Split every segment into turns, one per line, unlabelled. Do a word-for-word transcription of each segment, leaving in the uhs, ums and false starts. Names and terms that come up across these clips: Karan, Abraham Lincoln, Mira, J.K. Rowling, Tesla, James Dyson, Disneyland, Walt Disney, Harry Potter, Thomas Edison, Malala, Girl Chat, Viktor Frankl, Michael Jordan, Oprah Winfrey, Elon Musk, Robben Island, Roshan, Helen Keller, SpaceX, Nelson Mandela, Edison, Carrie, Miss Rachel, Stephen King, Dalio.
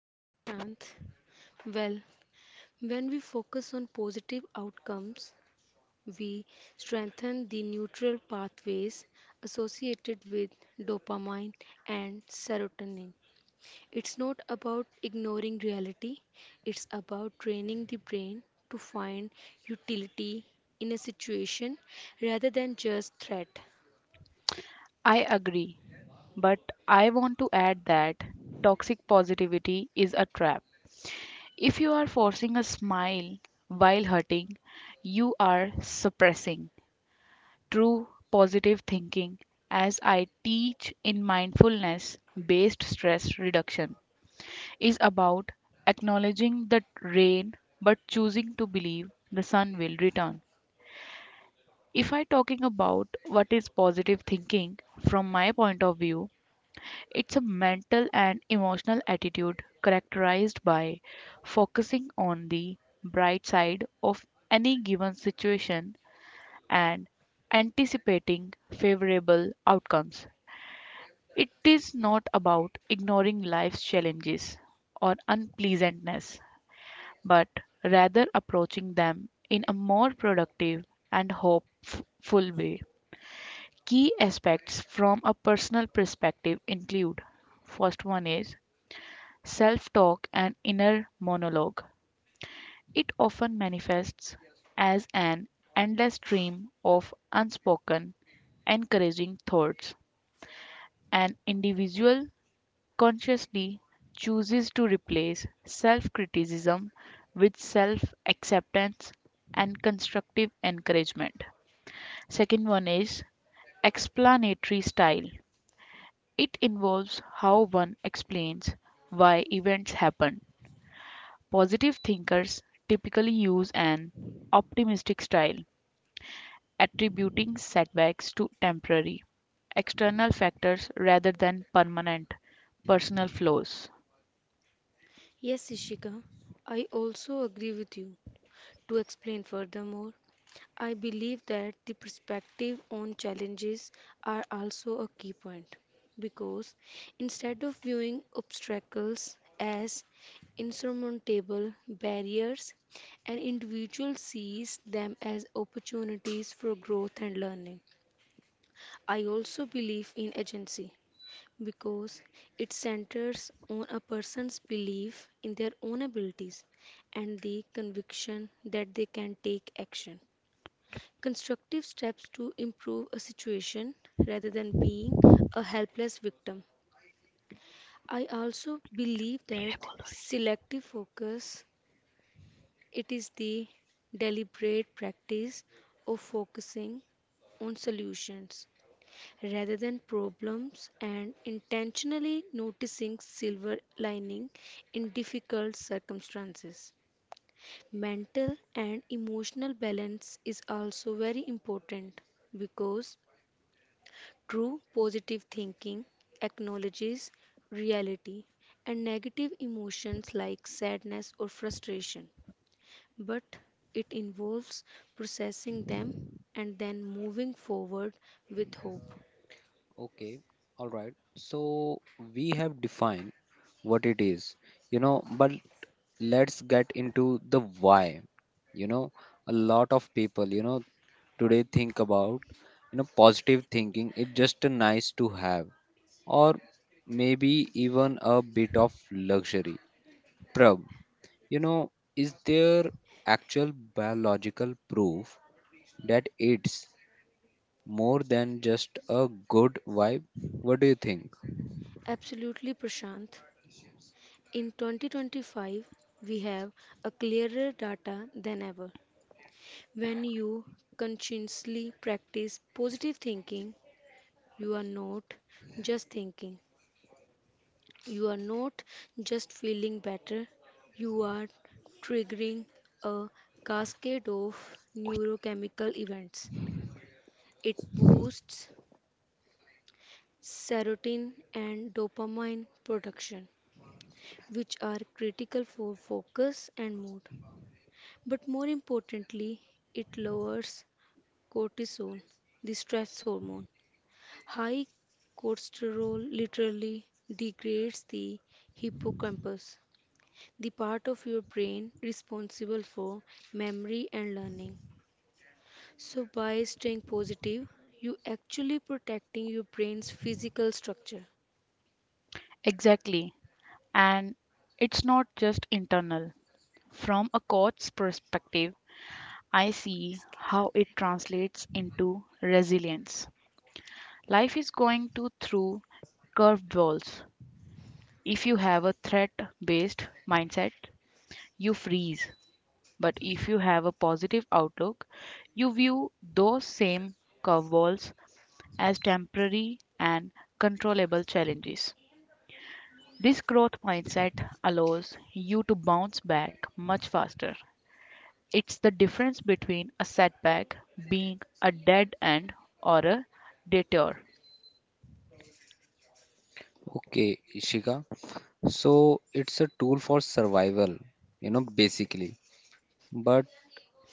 Hi Prashant. Well, when we focus on positive outcomes, we strengthen the neutral pathways associated with dopamine and serotonin. It's not about ignoring reality, it's about training the brain to find utility in a situation rather than just threat.
I agree, but I want to add that toxic positivity is a trap. If you are forcing a smile while hurting, you are suppressing true positive thinking, as I teach in mindfulness based stress reduction, is about acknowledging the rain but choosing to believe the sun will return. If I talking about what is positive thinking from my point of view, it's a mental and emotional attitude characterized by focusing on the bright side of any given situation and anticipating favorable outcomes. It is not about ignoring life's challenges or unpleasantness, but rather approaching them in a more productive and hopeful way. Key aspects from a personal perspective include first one is self talk, and inner monologue. It often manifests as an endless stream of unspoken, encouraging thoughts. An individual consciously chooses to replace self criticism with self acceptance and constructive encouragement. Second one is explanatory style. It involves how one explains why events happen. Positive thinkers typically use an optimistic style, attributing setbacks to temporary external factors rather than permanent personal flaws.
Yes, Ishika, I also agree with you. To explain furthermore, I believe that the perspective on challenges are also a key point because instead of viewing obstacles as insurmountable barriers, an individual sees them as opportunities for growth and learning. I also believe in agency because it centers on a person's belief in their own abilities and the conviction that they can take action constructive steps to improve a situation rather than being a helpless victim. I also believe that selective focus it is the deliberate practice of focusing on solutions rather than problems and intentionally noticing silver lining in difficult circumstances. Mental and emotional balance is also very important because true positive thinking acknowledges reality and negative emotions like sadness or frustration, but it involves processing them and then moving forward with hope.
Okay, all right. So we have defined what it is, you know, but let's get into the why. You know, a lot of people, you know, today think about, you know, positive thinking It's just a nice to have or maybe even a bit of luxury. Prab, you know, is there actual biological proof that it's more than just a good vibe? What do you think?
Absolutely, Prashant. In twenty twenty-five, we have a clearer data than ever. When you consciously practice positive thinking, you are not just thinking, you are not just feeling better, you are triggering a cascade of neurochemical events. It boosts serotonin and dopamine production, which are critical for focus and mood. But more importantly, it lowers cortisol, the stress hormone. High cortisol literally degrades the hippocampus, the part of your brain responsible for memory and learning. So, by staying positive, you actually protecting your brain's physical structure.
Exactly. And it's not just internal. From a coach's perspective, I see
इसके बाद
how it
मेरे को हो रहा
translates into resilience. Life is going to through curved walls. If you have a threat based mindset, you freeze. But if you have a positive outlook, you view those same curveballs as temporary and controllable challenges. This growth mindset allows you to bounce back much faster. It's the difference between a setback being a dead end or a detour.
Okay, Ishika. So it's a tool for survival, you know, basically. But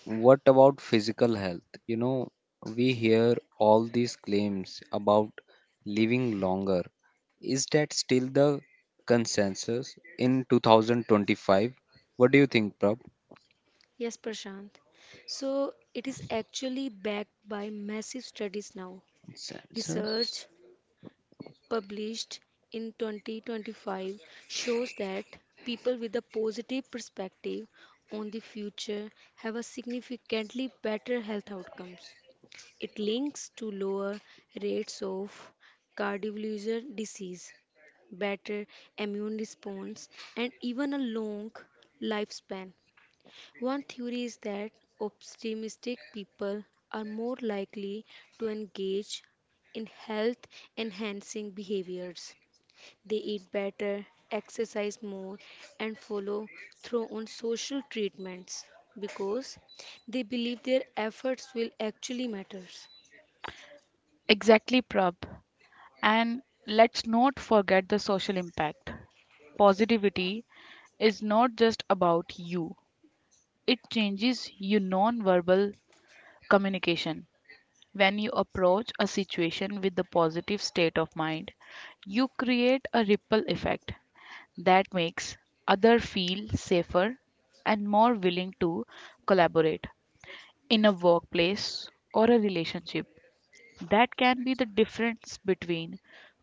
what about physical health? You know, we hear all these claims about living longer. Is that still the consensus in two thousand twenty-five? What do you think, Prab?
है। Yes, Prashant. So, it is actually backed by massive studies now.
Consensus?
Research published in twenty twenty-five shows that people with a positive perspective on the future have a significantly better health outcomes. It links to lower rates of cardiovascular disease, better immune response, and even a long lifespan. One theory is that optimistic people are more likely to engage in health enhancing behaviors. They eat better, exercise more, and follow through on social treatments because they believe their efforts will actually matter.
Exactly, Prab. And let's not forget the social impact. Positivity is not just about you. It changes your non-verbal communication. When you approach a situation with a positive state of mind, you create a ripple effect that makes others feel safer and more willing to collaborate in a workplace or a relationship. That can be the difference between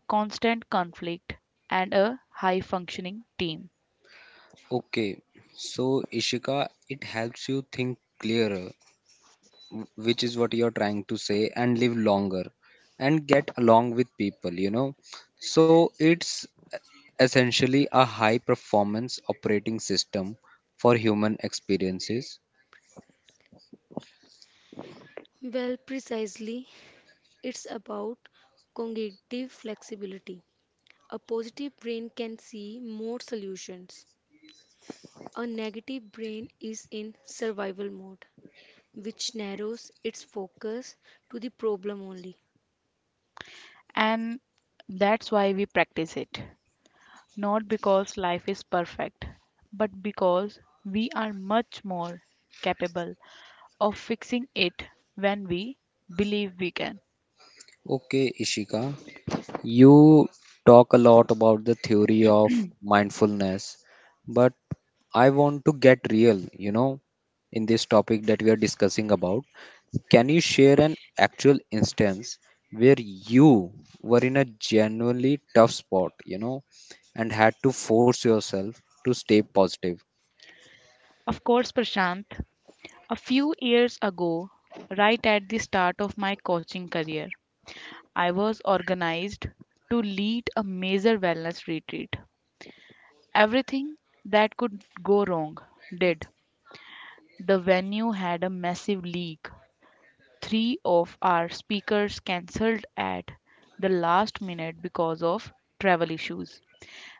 constant conflict and a high functioning team.
Okay, so Ishika, it helps you think clearer, which is what you're trying to say, and live longer and get along with people, you know, so it's essentially a high performance operating system for human experiences.
Well, precisely, it's about cognitive flexibility. A positive brain can see more solutions. A negative brain is in survival mode, which narrows its focus to the problem only.
And that's why we practice it, not because life is perfect, but because we are much more capable of fixing it when we believe we can.
Okay, Ishika, you talk a lot about the theory of mindfulness, but I want to get real, you know, in this topic that we are discussing about. Can you share an actual instance where you were in a genuinely tough spot, you know, and had to force yourself to stay positive?
Of course, Prashant, a few years ago, right at the start of my coaching career, I was organized to lead a major wellness retreat. Everything that could go wrong did. The venue had a massive leak. Three of our speakers cancelled at the last minute because of travel issues.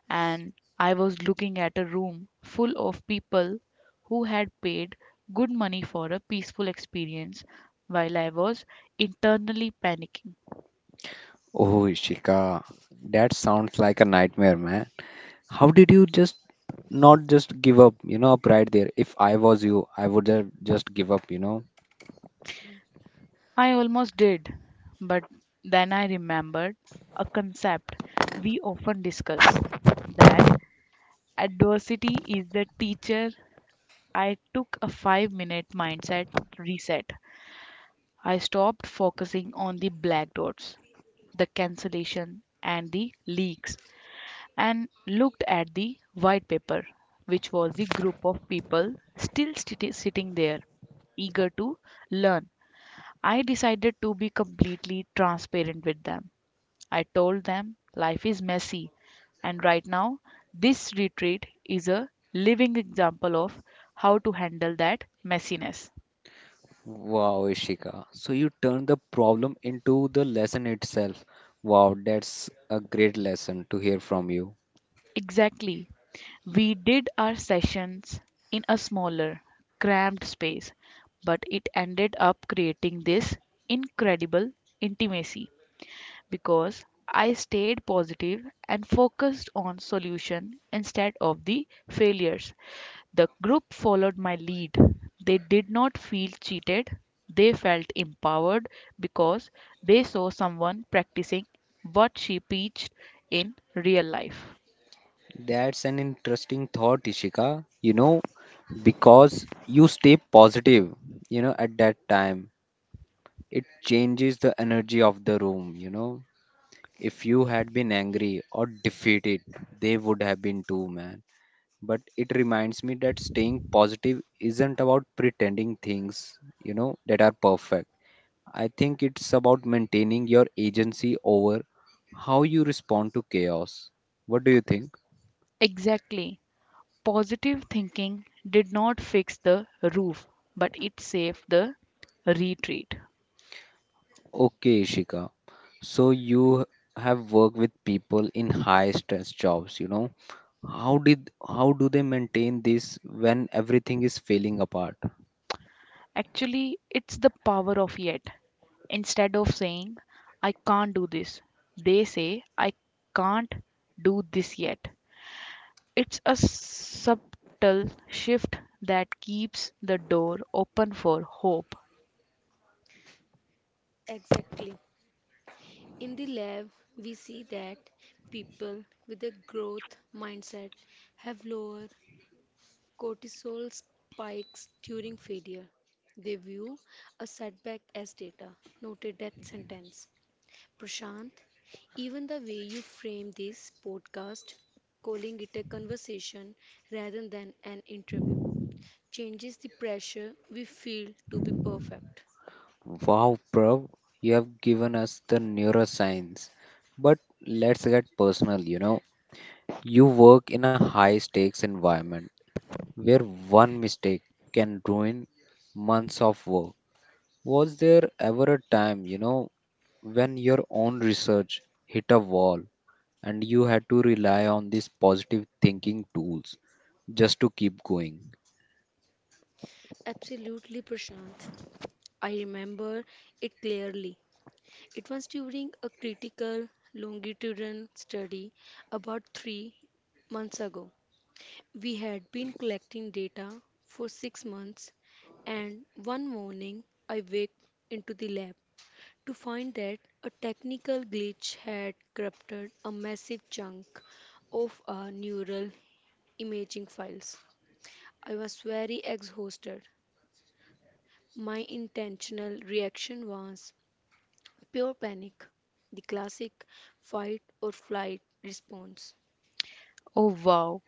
And I was looking at a room full of people who had paid good money for a peaceful experience while I was internally panicking.
Oh, Ishika, that sounds like a nightmare, man. How did you just not just give up, you know, up right there? If I was you, I would have just give up, you know.
I almost did, but then I remembered a concept we often discuss that adversity is the teacher. I took a five minute mindset reset. I stopped focusing on the black dots, the cancellation, and the leaks, and looked at the white paper, which was the group of people still sti- sitting there, eager to learn. I decided to be completely transparent with them. I told them life is messy, and right now, this retreat is a living example of how to handle that messiness.
Wow, Ishika. So you turned the problem into the lesson itself. Wow, that's a great lesson to hear from you.
Exactly. We did our sessions in a smaller, cramped space, but it ended up creating this incredible intimacy because I stayed positive and focused on solution instead of the failures. The group followed my lead. They did not feel cheated. They felt empowered because they saw someone practicing what she preached in real life.
That's an interesting thought, Ishika. You know, because you stay positive, you know, at that time, it changes the energy of the room, you know. If you had been angry or defeated, they would have been too, man. But it reminds me that staying positive isn't about pretending things, you know, that are perfect. I think it's about maintaining your agency over how you respond to chaos. What do you think?
Exactly. Positive thinking did not fix the roof, but it saved the retreat.
Okay, Ishika. So you have worked with people in high stress jobs, you know. How did how do they maintain this when everything is falling apart?
Actually, it's the power of yet. Instead of saying, I can't do this, they say, I can't do this yet. It's a subtle shift that keeps the door open for hope.
Exactly. In the lab, we see that people with a growth mindset have lower cortisol spikes during failure. They view a setback as data, not a death sentence. Prashant, even the way you frame this podcast, calling it a conversation rather than an interview, changes the pressure we feel to be perfect.
Wow, Prav, you have given us the neuroscience. But let's get personal, you know. You work in a high stakes environment where one mistake can ruin months of work. Was there ever a time, you know, when your own research hit a wall, and you had to rely on these positive thinking tools just to keep going?
Absolutely, Prashant. I remember it clearly. It was during a critical longitudinal study about three months ago. We had been collecting data for six months, and one morning I waked into the lab to find that a technical glitch had corrupted a massive chunk of our neural imaging files. I was very exhausted. My intentional reaction was pure panic, the classic fight or flight response.
Oh, wow.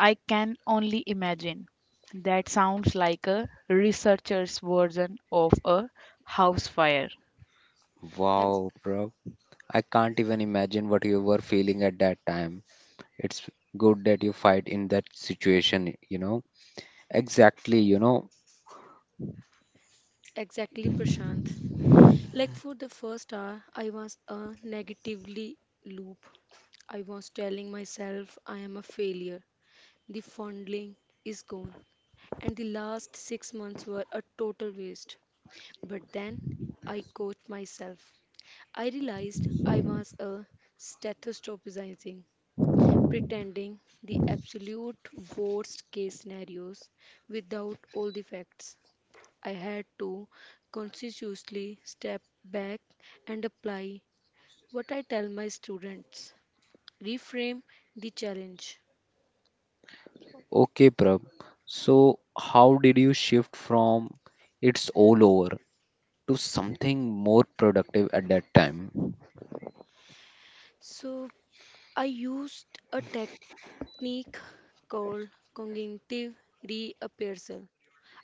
I can only imagine. That sounds like a researcher's version of a house fire.
Ex-
Wow, bro. I can't even imagine what you were feeling at that time. It's good that you fight in that situation, you know. Exactly, you know.
exactly, Prashant. Like for the first hour, I was a negatively loop. I was telling myself I am a failure. The fondling is gone, and the last six months were a total waste. But then I caught myself. I realized I was a stethoscopizing, pretending the absolute worst case scenarios without all the facts. I had to consciously step back and apply what I tell my students, reframe the challenge.
Okay, Prab. So, how did you shift from it's all over to something more productive at that time?
So I used a tech technique called cognitive reappraisal.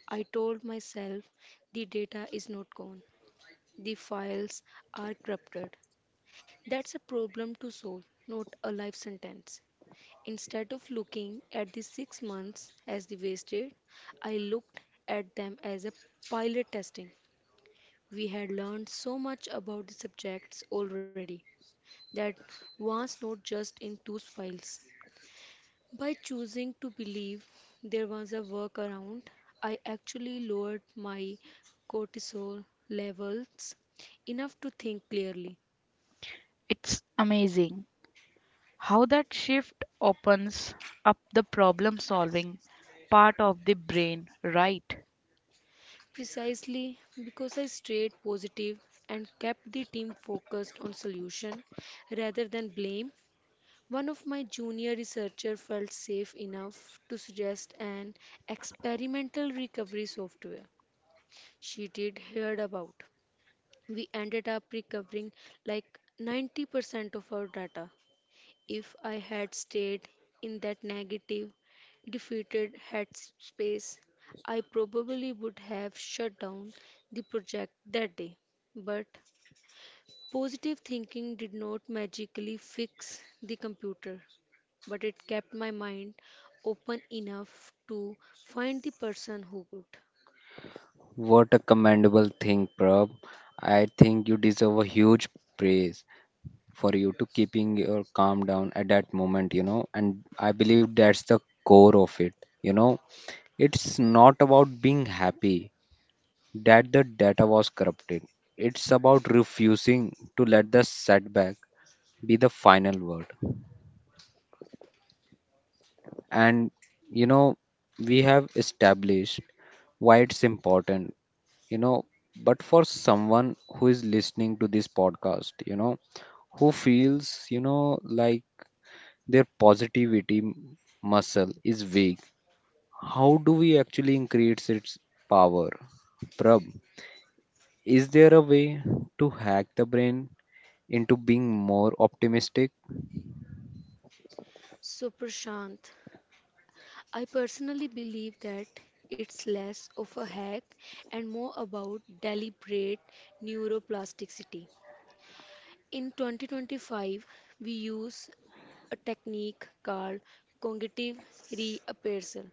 I told myself the data is not gone, the files are corrupted. That's a problem to solve, not a life sentence. Instead of looking at the six months as the wasted, I looked at them as a pilot testing. We had learned so much about the subjects already that was not just in those files. By choosing to believe there was a workaround, I actually lowered my cortisol levels enough to think clearly.
It's amazing how that shift opens up the problem solving part of the brain, right?
Precisely because I stayed positive and kept the team focused on solution rather than blame, one of my junior researchers felt safe enough to suggest an experimental recovery software she did heard about. We ended up recovering like ninety percent of our data. If I had stayed in that negative, defeated headspace, I probably would have shut down the project that day. But positive thinking did not magically fix the computer, but it kept my mind open enough to find the person who could.
What a commendable thing, Prab. I think you deserve a huge praise, for you to keeping your calm down at that moment, you know. And I believe that's the core of it, you know. It's not about being happy that the data was corrupted, it's about refusing to let the setback be the final word. And, you know, we have established why it's important, you know, but for someone who is listening to this podcast, you know, who feels, you know, like their positivity m- muscle is weak. How do we actually increase its power? Prab, is there a way to hack the brain into being more optimistic?
So, Prashant, I personally believe that it's less of a hack and more about deliberate neuroplasticity. In twenty twenty-five, we use a technique called cognitive reappraisal.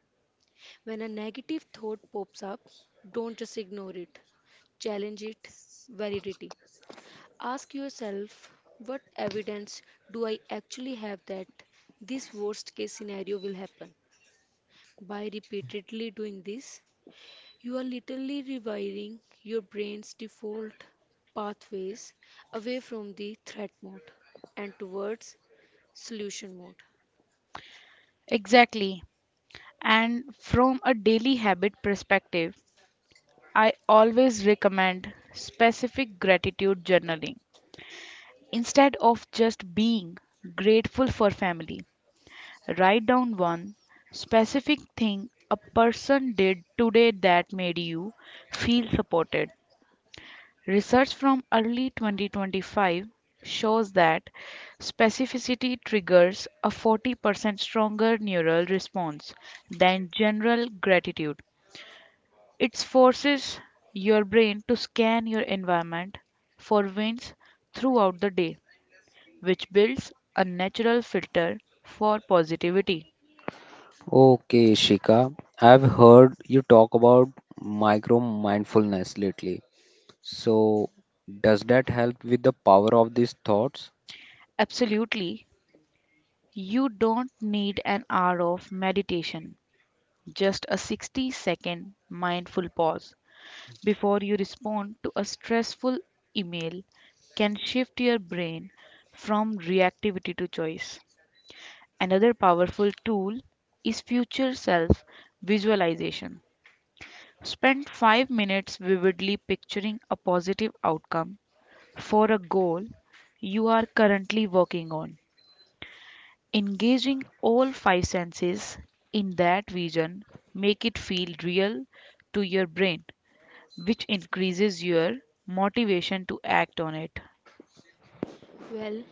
When a negative thought pops up, don't just ignore it, challenge it validity. Ask yourself, what evidence do I actually have that this worst case scenario will happen? By repeatedly doing this, you are literally rewiring your brain's default pathways away from the threat mode and towards solution mode.
Exactly. And from a daily habit perspective, I always recommend specific gratitude journaling. Instead of just being grateful for family, write down one specific thing a person did today that made you feel supported. Research from early twenty twenty-five shows that specificity triggers a forty percent stronger neural response than general gratitude. It forces your brain to scan your environment for wins throughout the day, which builds a natural filter for positivity.
Okay, Shika, I've heard you talk about micro mindfulness lately. So, does that help with the power of these thoughts?
Absolutely. You don't need an hour of meditation, just a sixty second mindful pause before you respond to a stressful email can shift your brain from reactivity to choice. Another powerful tool is future self visualization. Spend five minutes vividly picturing a positive outcome for a goal you are currently working on. Engaging all five senses in that vision make it feel real to your brain, which increases your motivation to act on it.
Well,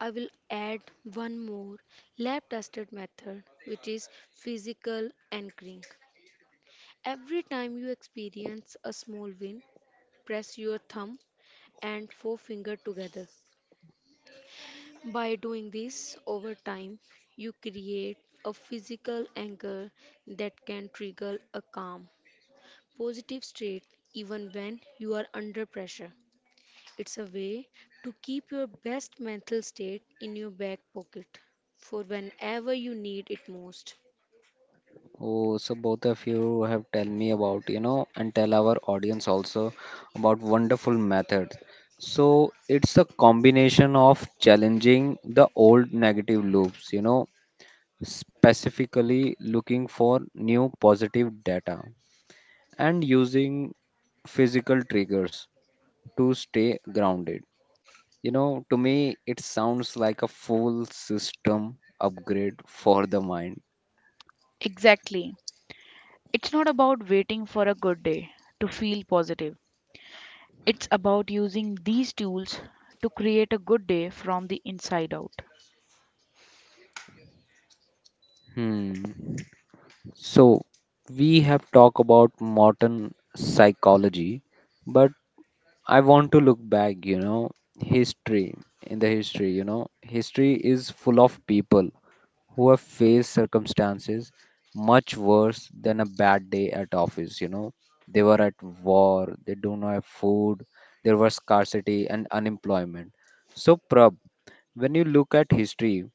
I will add one more lab tested method, which is physical anchoring. Every time you experience a small win, press your thumb and forefinger together. By doing this over time, you create a physical anchor that can trigger a calm, positive state even when you are under pressure. It's a way to keep your best mental state in your back pocket for whenever you need it most.
Oh, so both of you have tell me about, you know, and tell our audience also about wonderful methods. So it's a combination of challenging the old negative loops, you know, specifically looking for new positive data and using physical triggers to stay grounded. You know, to me, it sounds like a full system upgrade for the mind.
Exactly. It's not about waiting for a good day to feel positive. It's about using these tools to create a good day from the inside out.
Hmm. So, we have talked about modern psychology, but I want to look back, you know, history. In the history, you know, history is full of people who have faced circumstances much worse than a bad day at office, you know. They were at war, they don't have food, there was scarcity and unemployment. So, Prab, when you look at history,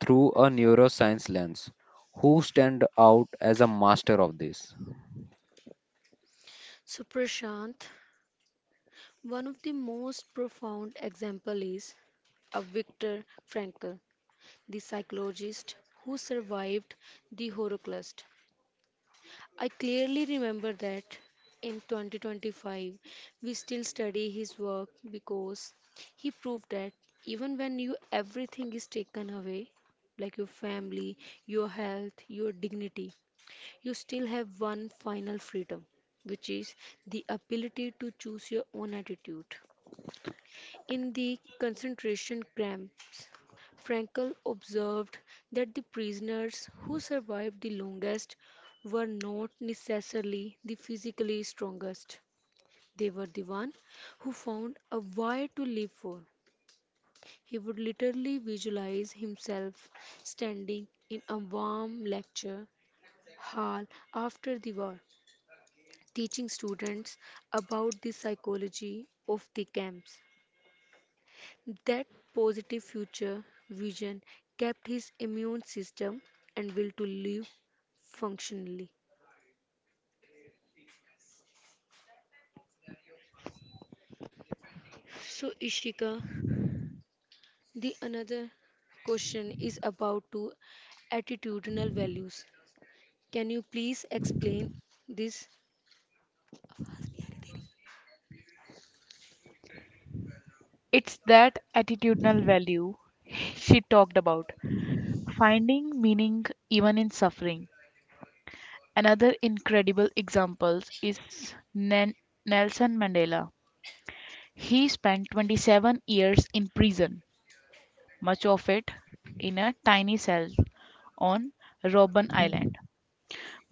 through a neuroscience lens. Who stand out as a master of this?
So, Prashant, one of the most profound example is of Viktor Frankl, the psychologist who survived the Holocaust. I clearly remember that in twenty twenty-five we still study his work because he proved that even when you everything is taken away like your family, your health, your dignity, you still have one final freedom, which is the ability to choose your own attitude. In the concentration camps, Frankel observed that the prisoners who survived the longest were not necessarily the physically strongest. They were the one who found a why to live for. He would literally visualize himself standing in a warm lecture hall after the war, teaching students about the psychology of the camps. That positive future vision kept his immune system and will to live functionally. So, Ishika, the another question is about to attitudinal values. Can you please explain this?
It's that attitudinal value she talked about, finding meaning even in suffering. Another incredible example is Nen- Nelson Mandela. He spent twenty-seven years in prison, much of it in a tiny cell on Robben Island.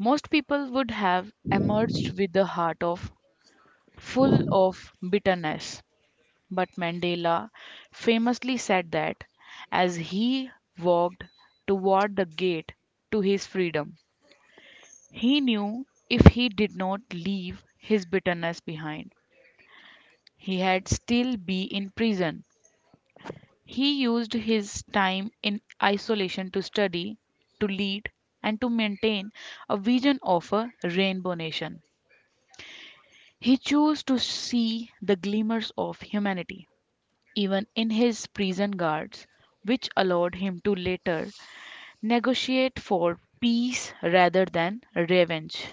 Most people would have emerged with a heart of full of bitterness, but Mandela famously said that as he walked toward the gate to his freedom, he knew if he did not leave his bitterness behind, he had still be in prison. He used his time in isolation to study, to lead, and to maintain a vision of a rainbow nation. He chose to see the glimmers of humanity, even in his prison guards, which allowed him to later negotiate for peace rather than revenge.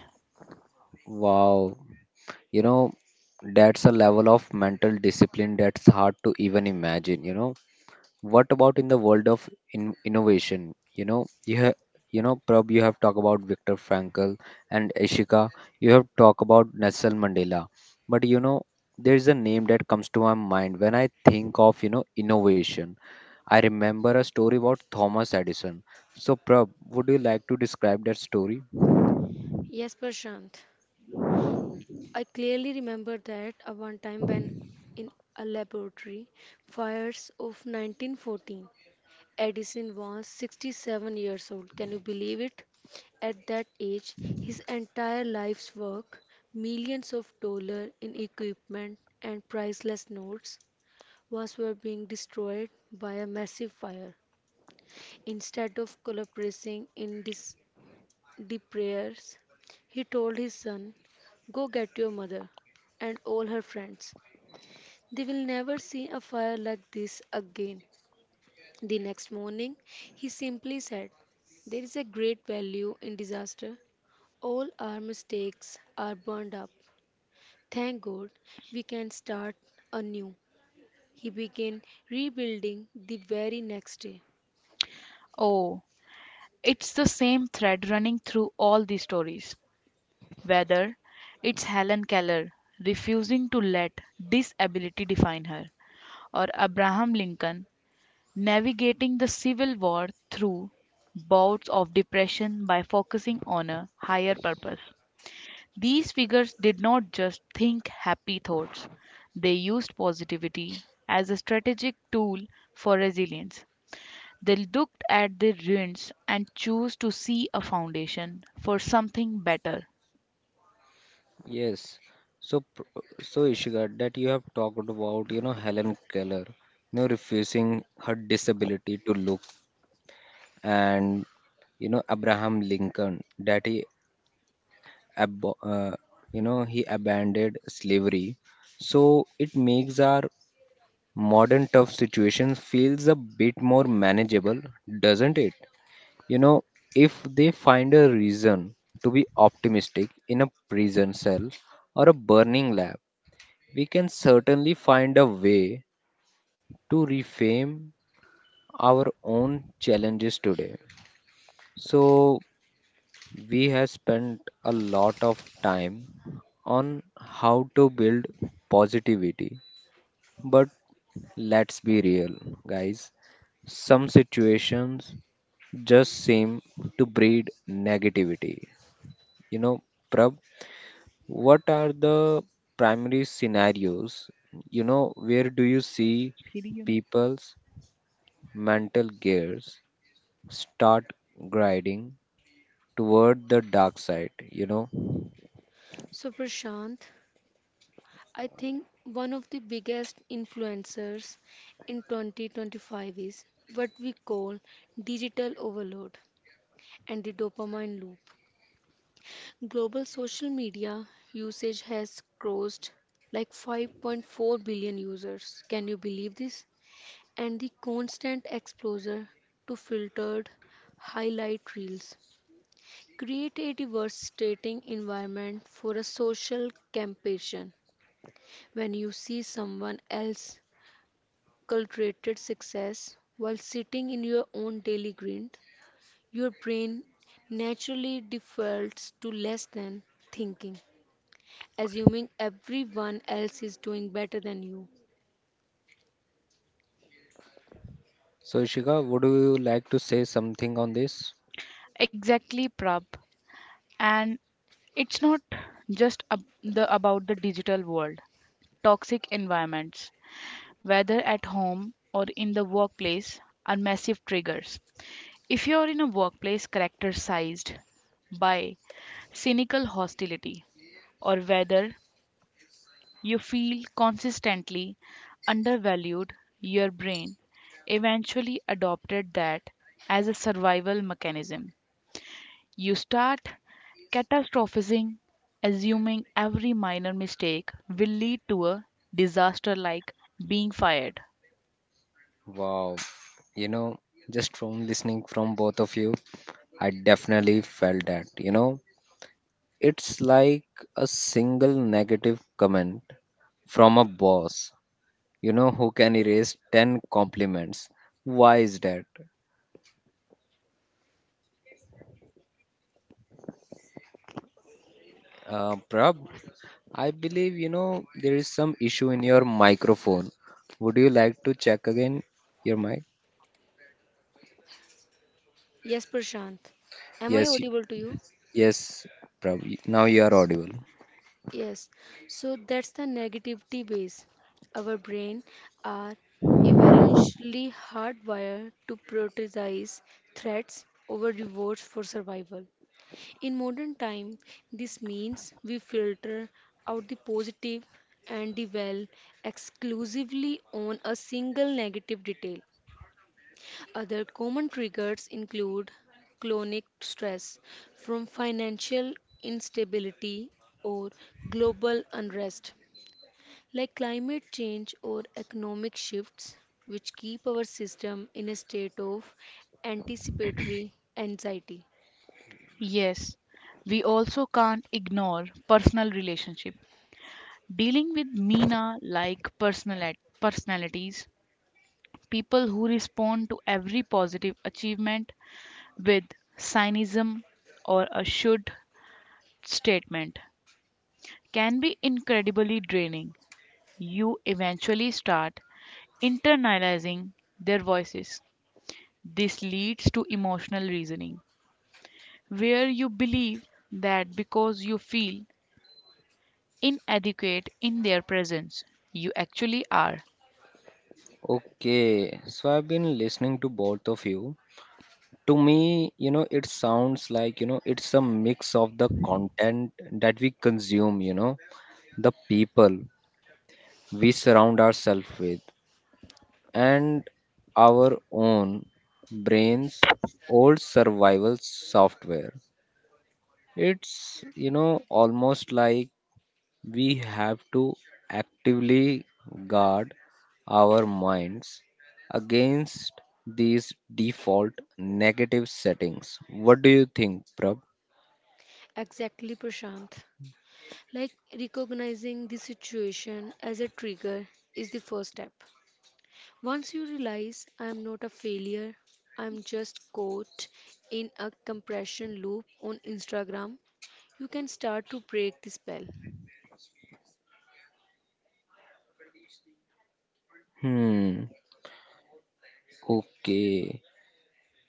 Wow, you know, that's a level of mental discipline that's hard to even imagine, you know. What about in the world of in- innovation? You know, you have, you know, Prab, you have talked about Viktor Frankl, and Ishika, you have talked about Nelson Mandela. But you know, there is a name that comes to my mind when I think of, you know, innovation. I remember a story about Thomas Edison. So, Prab, would you like to describe that story?
Yes, Prashant. I clearly remember that a one time when in a laboratory fires of nineteen fourteen Edison was sixty-seven years old. Can you believe it? At that age, his entire life's work, millions of dollars in equipment and priceless notes, was were being destroyed by a massive fire. Instead of collaborating in dis- the prayers, he told his son, "Go get your mother and all her friends. They will never see a fire like this again." The next morning, he simply said, there is a great value in disaster. All our mistakes are burned up. Thank God we can start anew. He began rebuilding the very next day.
Oh, it's the same thread running through all these stories, whether it's Helen Keller refusing to let disability define her, or Abraham Lincoln navigating the Civil War through bouts of depression by focusing on a higher purpose. These figures did not just think happy thoughts, they used positivity as a strategic tool for resilience. They looked at the ruins and chose to see a foundation for something better.
Yes. So, pr- so Ishika, that you have talked about, you know, Helen Keller, you know, refusing her disability to look, and you know Abraham Lincoln, that he abo- uh, you know he abandoned slavery. So it makes our modern tough situation feels a bit more manageable, doesn't it, you know. If they find a reason to be optimistic in a prison cell or a burning lab, we can certainly find a way to reframe our own challenges today. So we have spent a lot of time on how to build positivity. But let's be real, guys. Some situations just seem to breed negativity. You know, Prab, what are the primary scenarios? You know, where do you see
फिर ये ना।
people's mental gears start grinding toward the dark side? You know.
So, Prashant, I think one of the biggest influencers in twenty twenty-five is what we call digital overload and the dopamine loop. Global social media usage has crossed like five point four billion users. Can you believe this? And the constant exposure to filtered highlight reels create a devastating environment for a social competition. When you see someone else's cultivated success while sitting in your own daily grind, your brain naturally defaults to less than thinking, assuming everyone else is doing better than you.
So, Ishika, would you like to say something on this?
Exactly, Prab. And it's not just ab- the about the digital world. Toxic environments, whether at home or in the workplace, are massive triggers. If you're in a workplace characterized by cynical hostility, or whether you feel consistently undervalued. Your brain eventually adopted that as a survival mechanism. You start catastrophizing, assuming every minor mistake will lead to a disaster like being fired.
Wow, you know, just from listening from both of you, I definitely felt that, you know, it's like a single negative comment from a boss, you know, who can erase ten compliments. Why is that? Uh, Prab, I believe, you know, there is some issue in your microphone. Would you like to check again your mic?
Yes, Prashant. Am I
Yes, y-
audible to you?
yes, Prab, now you are audible.
Yes. So that's the negativity base. Our brain are evolutionally hardwired to prioritize threats over rewards for survival. In modern time, this means we filter out the positive and dwell exclusively on a single negative detail. Other common triggers include chronic stress from financial instability or global unrest, like climate change or economic shifts, which keep our system in a state of anticipatory anxiety.
Yes, we also can't ignore personal relationship. Dealing with Mina like personal personalities, people who respond to every positive achievement with cynicism or a should statement can be incredibly draining. You eventually start internalizing their voices. This leads to emotional reasoning, where you believe that because you feel inadequate in their presence, you actually are.
Okay, so I've been listening to both of you. To me, you know, it sounds like, you know, it's a mix of the content that we consume, you know, the people we surround ourselves with, and our own brains, old survival software. It's, you know, almost like we have to actively guard our minds against these default negative settings. What do you think, Prab?
Exactly, Prashant. Like recognizing the situation as a trigger is the first step. Once you realize I am not a failure, I am just caught in a compression loop on Instagram, you can start to break the spell.
Hmm. Okay.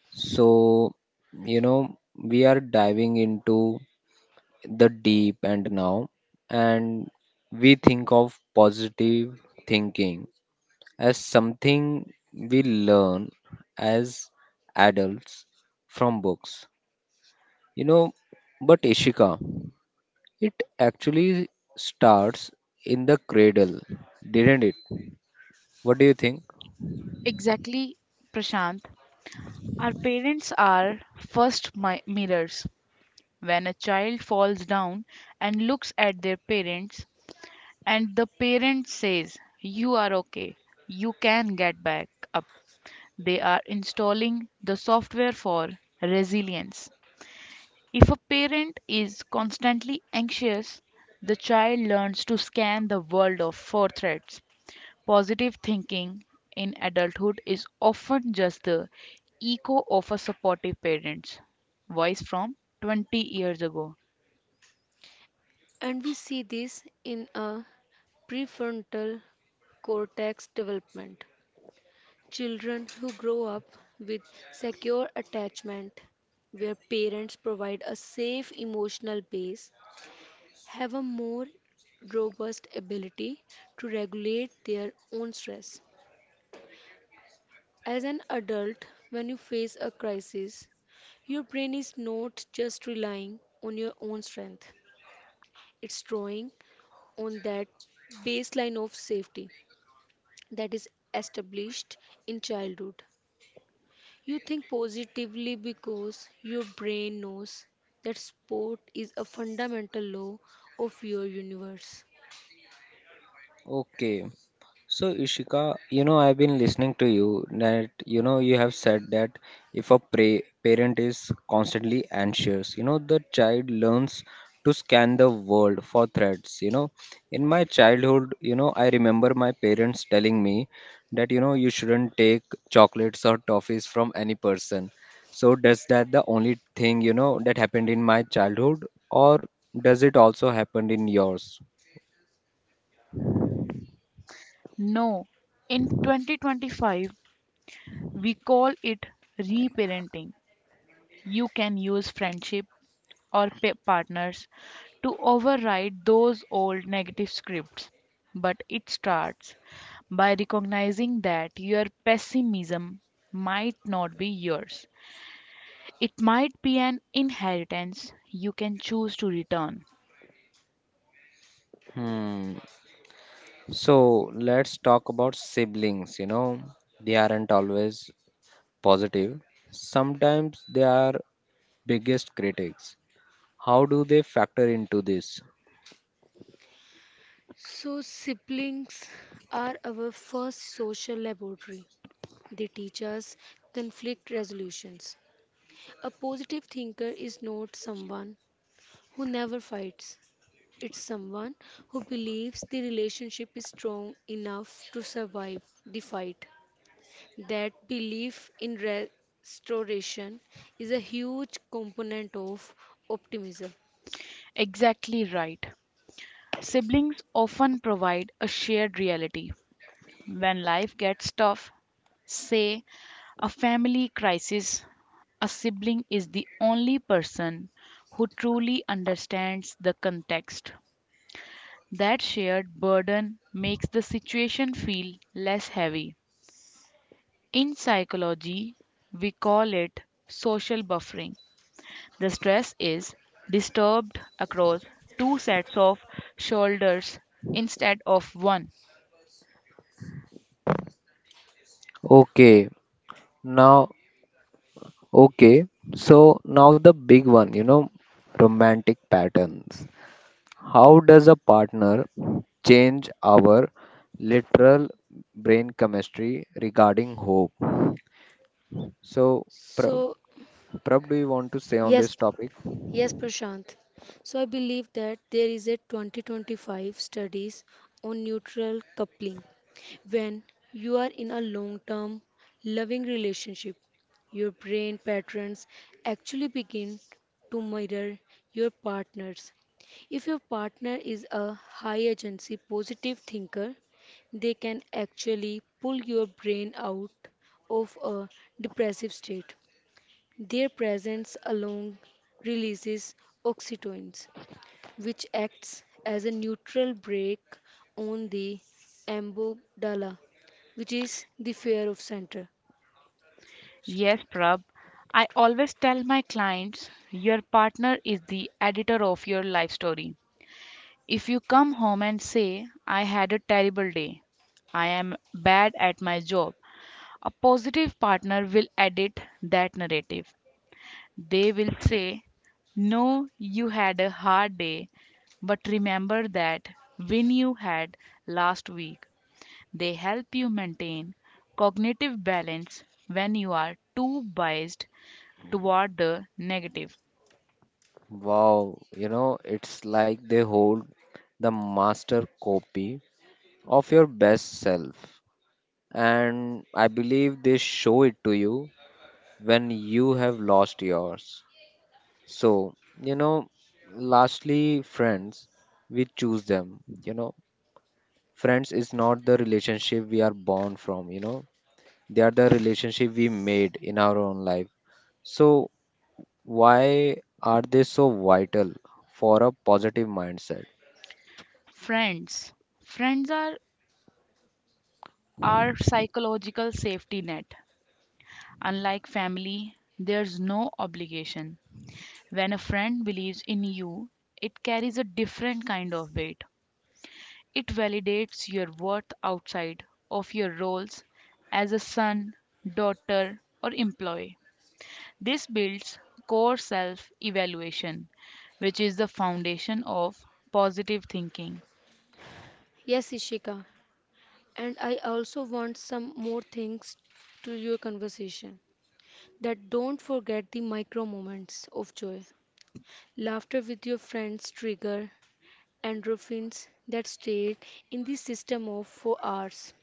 So, you know, we are diving into the deep end now, and we think of positive thinking as something we learn as adults from books, you know, but Ishika, it actually starts in the cradle, didn't it? What do you think?
Exactly, Prashant. Our parents are first mi- mirrors. When a child falls down and looks at their parents, and the parent says, you are okay. You can get back up. They are installing the software for resilience. If a parent is constantly anxious, the child learns to scan the world of for threats. Positive thinking in adulthood is often just the echo of a supportive parent's voice from twenty years ago.
And we see this in a prefrontal cortex development. Children who grow up with secure attachment, where parents provide a safe emotional base, have a more robust ability to regulate their own stress. As an adult, when you face a crisis, your brain is not just relying on your own strength, it's drawing on that baseline of safety that is established in childhood. You think positively because your brain knows that sport is a fundamental law of your universe.
Okay, So, Ishika, you know, I've been listening to you that, you know, you have said that if a pra- parent is constantly anxious, you know, the child learns to scan the world for threats. You know, in my childhood, you know, I remember my parents telling me that, you know, you shouldn't take chocolates or toffees from any person. So, does that the only thing, you know, that happened in my childhood, or does it also happen in yours?
No, in twenty twenty-five, we call it reparenting. You can use friendship or pa- partners to override those old negative scripts. But it starts by recognizing that your pessimism might not be yours. It might be an inheritance you can choose to return.
Hmm. So let's talk about siblings. You know, they aren't always positive, sometimes they are biggest critics. How do they factor into this?
So, siblings are our first social laboratory. They teach us conflict resolutions. A positive thinker is not someone who never fights. It's someone who believes the relationship is strong enough to survive the fight. That belief in restoration is a huge component of optimism.
Exactly right. Siblings often provide a shared reality. When life gets tough, say a family crisis, a sibling is the only person who truly understands the context. That shared burden makes the situation feel less heavy. In psychology, we call it social buffering. The stress is disturbed across two sets of shoulders instead of one.
Okay, now, okay, so now the big one, you know, romantic patterns. How does a partner change our literal brain chemistry regarding hope? So, Prab,
So,
Prab, do you want to say on
yes,
this topic?
Yes, Prashant. So I believe that there is a twenty twenty-five studies on neutral coupling. When you are in a long-term loving relationship, your brain patterns actually begin to mirror your partner's. If your partner is a high agency positive thinker, they can actually pull your brain out of a depressive state. Their presence alone releases oxytocin, which acts as a neutral brake on the amygdala, which is the fear of center.
Yes, Prab, I always tell my clients your partner is the editor of your life story. If you come home and say, I had a terrible day, I am bad at my job, a positive partner will edit that narrative. They will say, no, you had a hard day, but remember that win you had last week. They help you maintain cognitive balance when you are too biased toward the negative.
Wow, you know, it's like they hold the master copy of your best self. And I believe they show it to you when you have lost yours. So, you know, lastly, friends, we choose them. You know, friends is not the relationship we are born from, you know, they are the relationship we made in our own life. So, why are they so vital for a positive mindset?
Friends. Friends are our psychological safety net. Unlike family, there's no obligation. When a friend believes in you, it carries a different kind of weight. It validates your worth outside of your roles as a son, daughter, or employee. This builds core self evaluation, which is the foundation of positive thinking.
Yes, Ishika, and I also want some more things to your conversation that don't forget the micro moments of joy. Laughter with your friends trigger endorphins that stay in the system of for hours.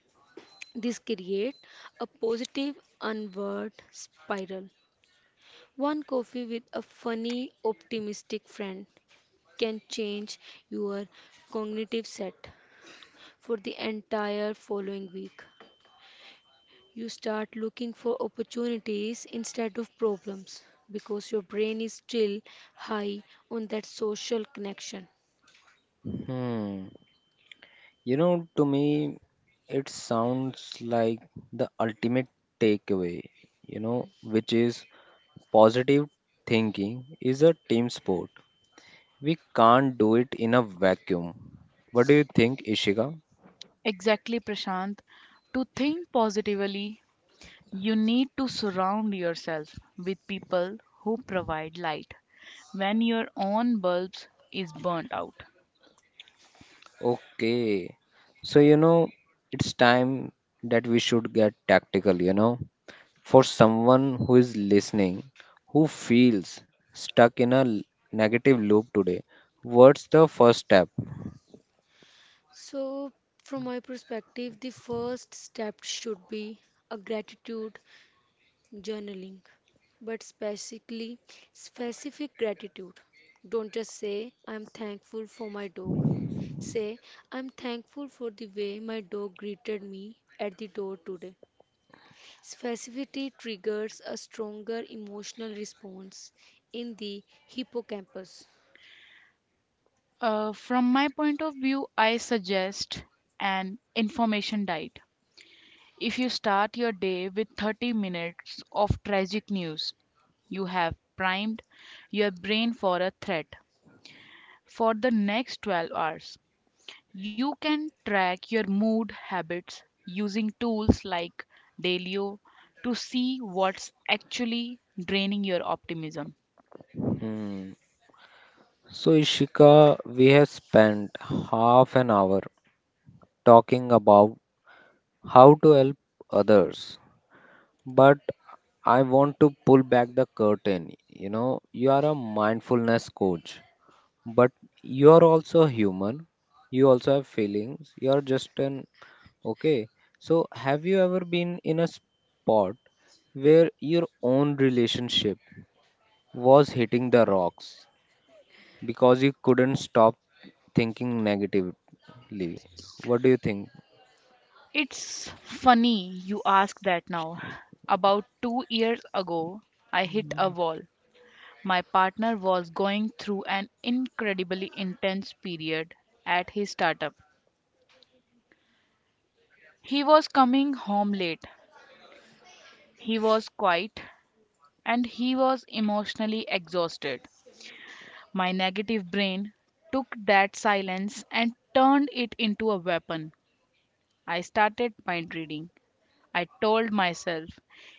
This creates a positive onward spiral. One coffee with a funny, optimistic friend can change your cognitive set for the entire following week. You start looking for opportunities instead of problems because your brain is still high on that social connection.
Hmm. You know, to me, it sounds like the ultimate takeaway, you know, which is positive thinking is a team sport. We can't do it in a vacuum. What do you think, Ishika?
Exactly, Prashant. To think positively, you need to surround yourself with people who provide light when your own bulbs is burnt out.
Okay. So, you know, it's time that we should get tactical, you know. For someone who is listening, who feels stuck in a l- negative loop today, what's the first step?
So, from my perspective, the first step should be a gratitude journaling, but specifically specific gratitude. Don't just say, I'm thankful for my dog. Say, I'm thankful for the way my dog greeted me at the door today. Specificity triggers a stronger emotional response in the hippocampus.
Uh, from my point of view, I suggest an information diet. If you start your day with thirty minutes of tragic news, you have primed your brain for a threat for the next twelve hours. You can track your mood habits using tools like Dalio to see what's actually draining your optimism.
Hmm. So, Ishika, we have spent half an hour talking about how to help others, but I want to pull back the curtain. You know, you are a mindfulness coach, but you are also human. You also have feelings. You are just an okay. So, have you ever been in a spot where your own relationship was hitting the rocks because you couldn't stop thinking negative? Lee, what do you think?
It's funny you ask that now. About two years ago, I hit a wall. My partner was going through an incredibly intense period at his startup. He was coming home late, he was quiet, and he was emotionally exhausted. My negative brain took that silence and turned it into a weapon. I started mind reading. I told myself,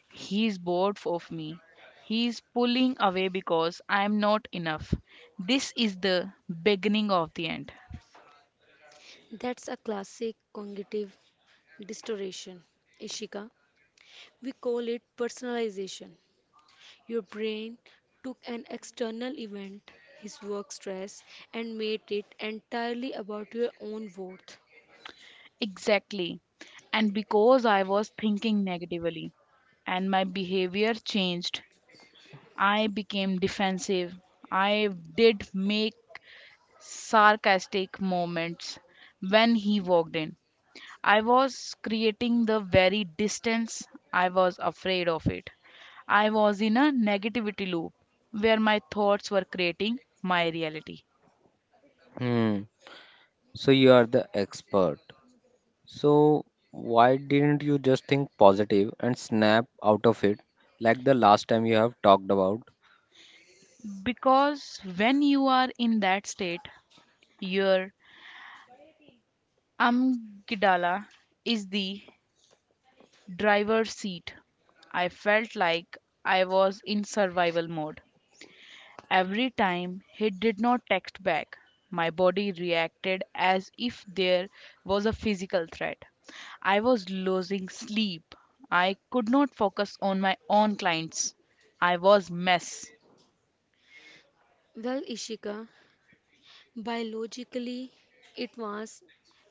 he's bored of me. He's pulling away because I'm not enough. This is the beginning of the end.
That's a classic cognitive distortion, Ishika. We call it personalization. Your brain took an external event, his work stress, and made it entirely about your own worth.
Exactly. And because I was thinking negatively and my behavior changed, I became defensive. I did make sarcastic moments when he walked in. I was creating the very distance I was afraid of it. I was in a negativity loop where my thoughts were creating my reality.
Hmm. So you are the expert. So why didn't you just think positive and snap out of it like the last time you have talked about?
Because when you are in that state, your amygdala is the driver's seat. I felt like I was in survival mode. Every time he did not text back, my body reacted as if there was a physical threat. I was losing sleep. I could not focus on my own clients. I was mess.
Well, Ishika, biologically it was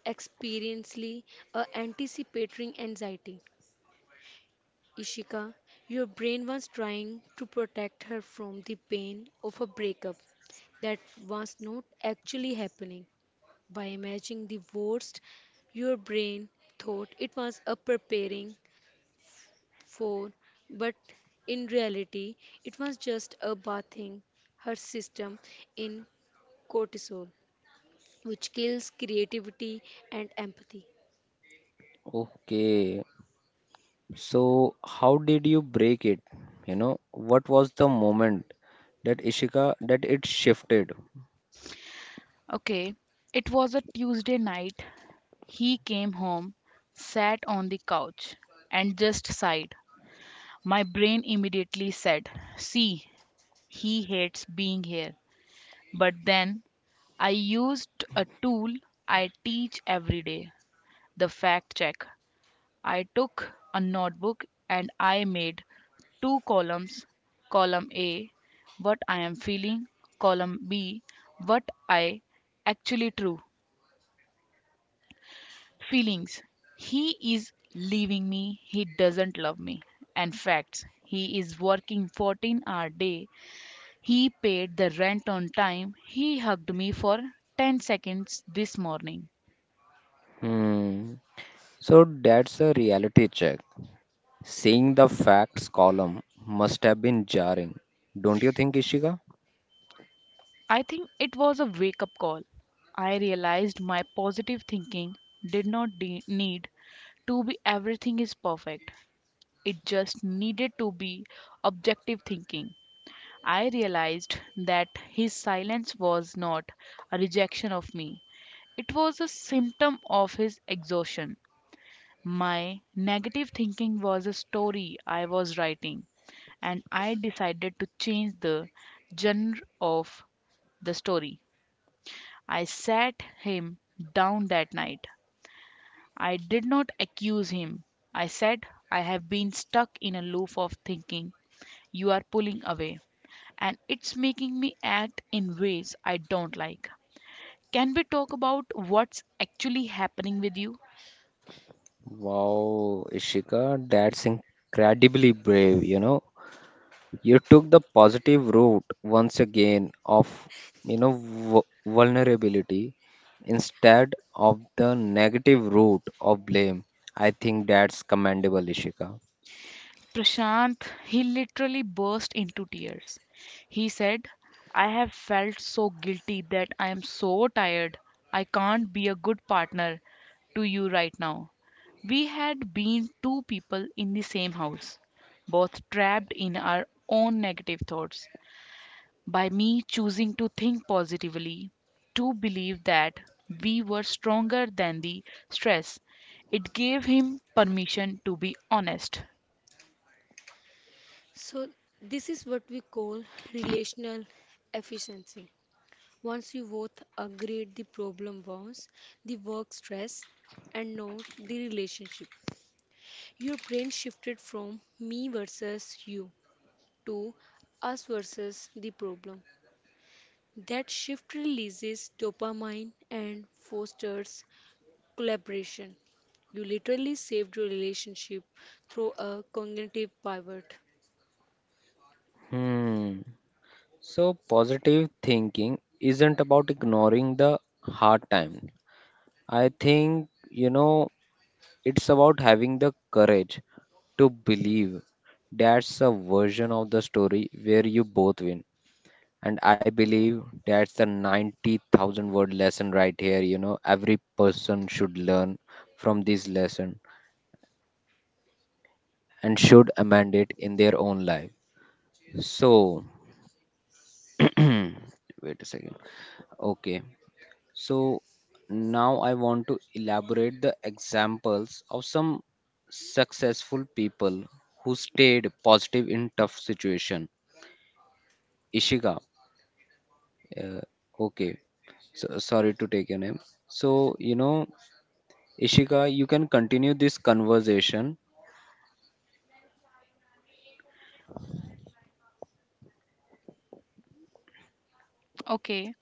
experientially a anticipatory anxiety. Ishika, your brain was trying to protect her from the pain of a breakup that was not actually happening. By imagining the worst, your brain thought it was a preparing for, but in reality, it was just a bathing her system in cortisol, which kills creativity and empathy.
Okay. So how did you break it? You know, what was the moment that Ishika that it shifted?
Okay, it was a Tuesday night. He came home, sat on the couch, and just sighed. My brain immediately said, "See, he hates being here." But then I used a tool I teach every day, the fact check. I took a notebook and I made two columns: column A, what I am feeling; column B, what I actually true. Feelings. He is leaving me, he doesn't love me. And facts. He is working fourteen hour day. He paid the rent on time. He hugged me for ten seconds this morning.
Hmm. So that's a reality check. Seeing the facts column must have been jarring. Don't you think, Ishika?
I think it was a wake up call. I realized my positive thinking did not de- need to be everything is perfect, it just needed to be objective thinking. I realized that his silence was not a rejection of me, it was a symptom of his exhaustion. My negative thinking was a story I was writing, and I decided to change the genre of the story. I sat him down that night. I did not accuse him. I said, I have been stuck in a loop of thinking you are pulling away, and it's making me act in ways I don't like. Can we talk about what's actually happening with you?
Wow, Ishika, that's incredibly brave, you know. You took the positive route once again of, you know, vu- vulnerability instead of the negative route of blame. I think that's commendable, Ishika.
Prashant, he literally burst into tears. He said, I have felt so guilty that I am so tired. I can't be a good partner to you right now. We had been two people in the same house, both trapped in our own negative thoughts. By me choosing to think positively, to believe that we were stronger than the stress, it gave him permission to be honest.
So, this is what we call relational efficiency. Once you both agreed the problem was the work stress and not the relationship, your brain shifted from me versus you to us versus the problem. That shift releases dopamine and fosters collaboration. You literally saved your relationship through a cognitive pivot.
Hmm. So, positive thinking isn't about ignoring the hard time. I think, you know, it's about having the courage to believe. That's a version of the story where you both win. And I believe that's the ninety thousand word lesson right here. You know, every person should learn from this lesson and should amend it in their own life. So, wait a second. Okay. So, now I want to elaborate the examples of some successful people who stayed positive in tough situation. Ishika, Uh, okay, so, sorry to take your name. So, you know, Ishika, you can continue this conversation.
Okay,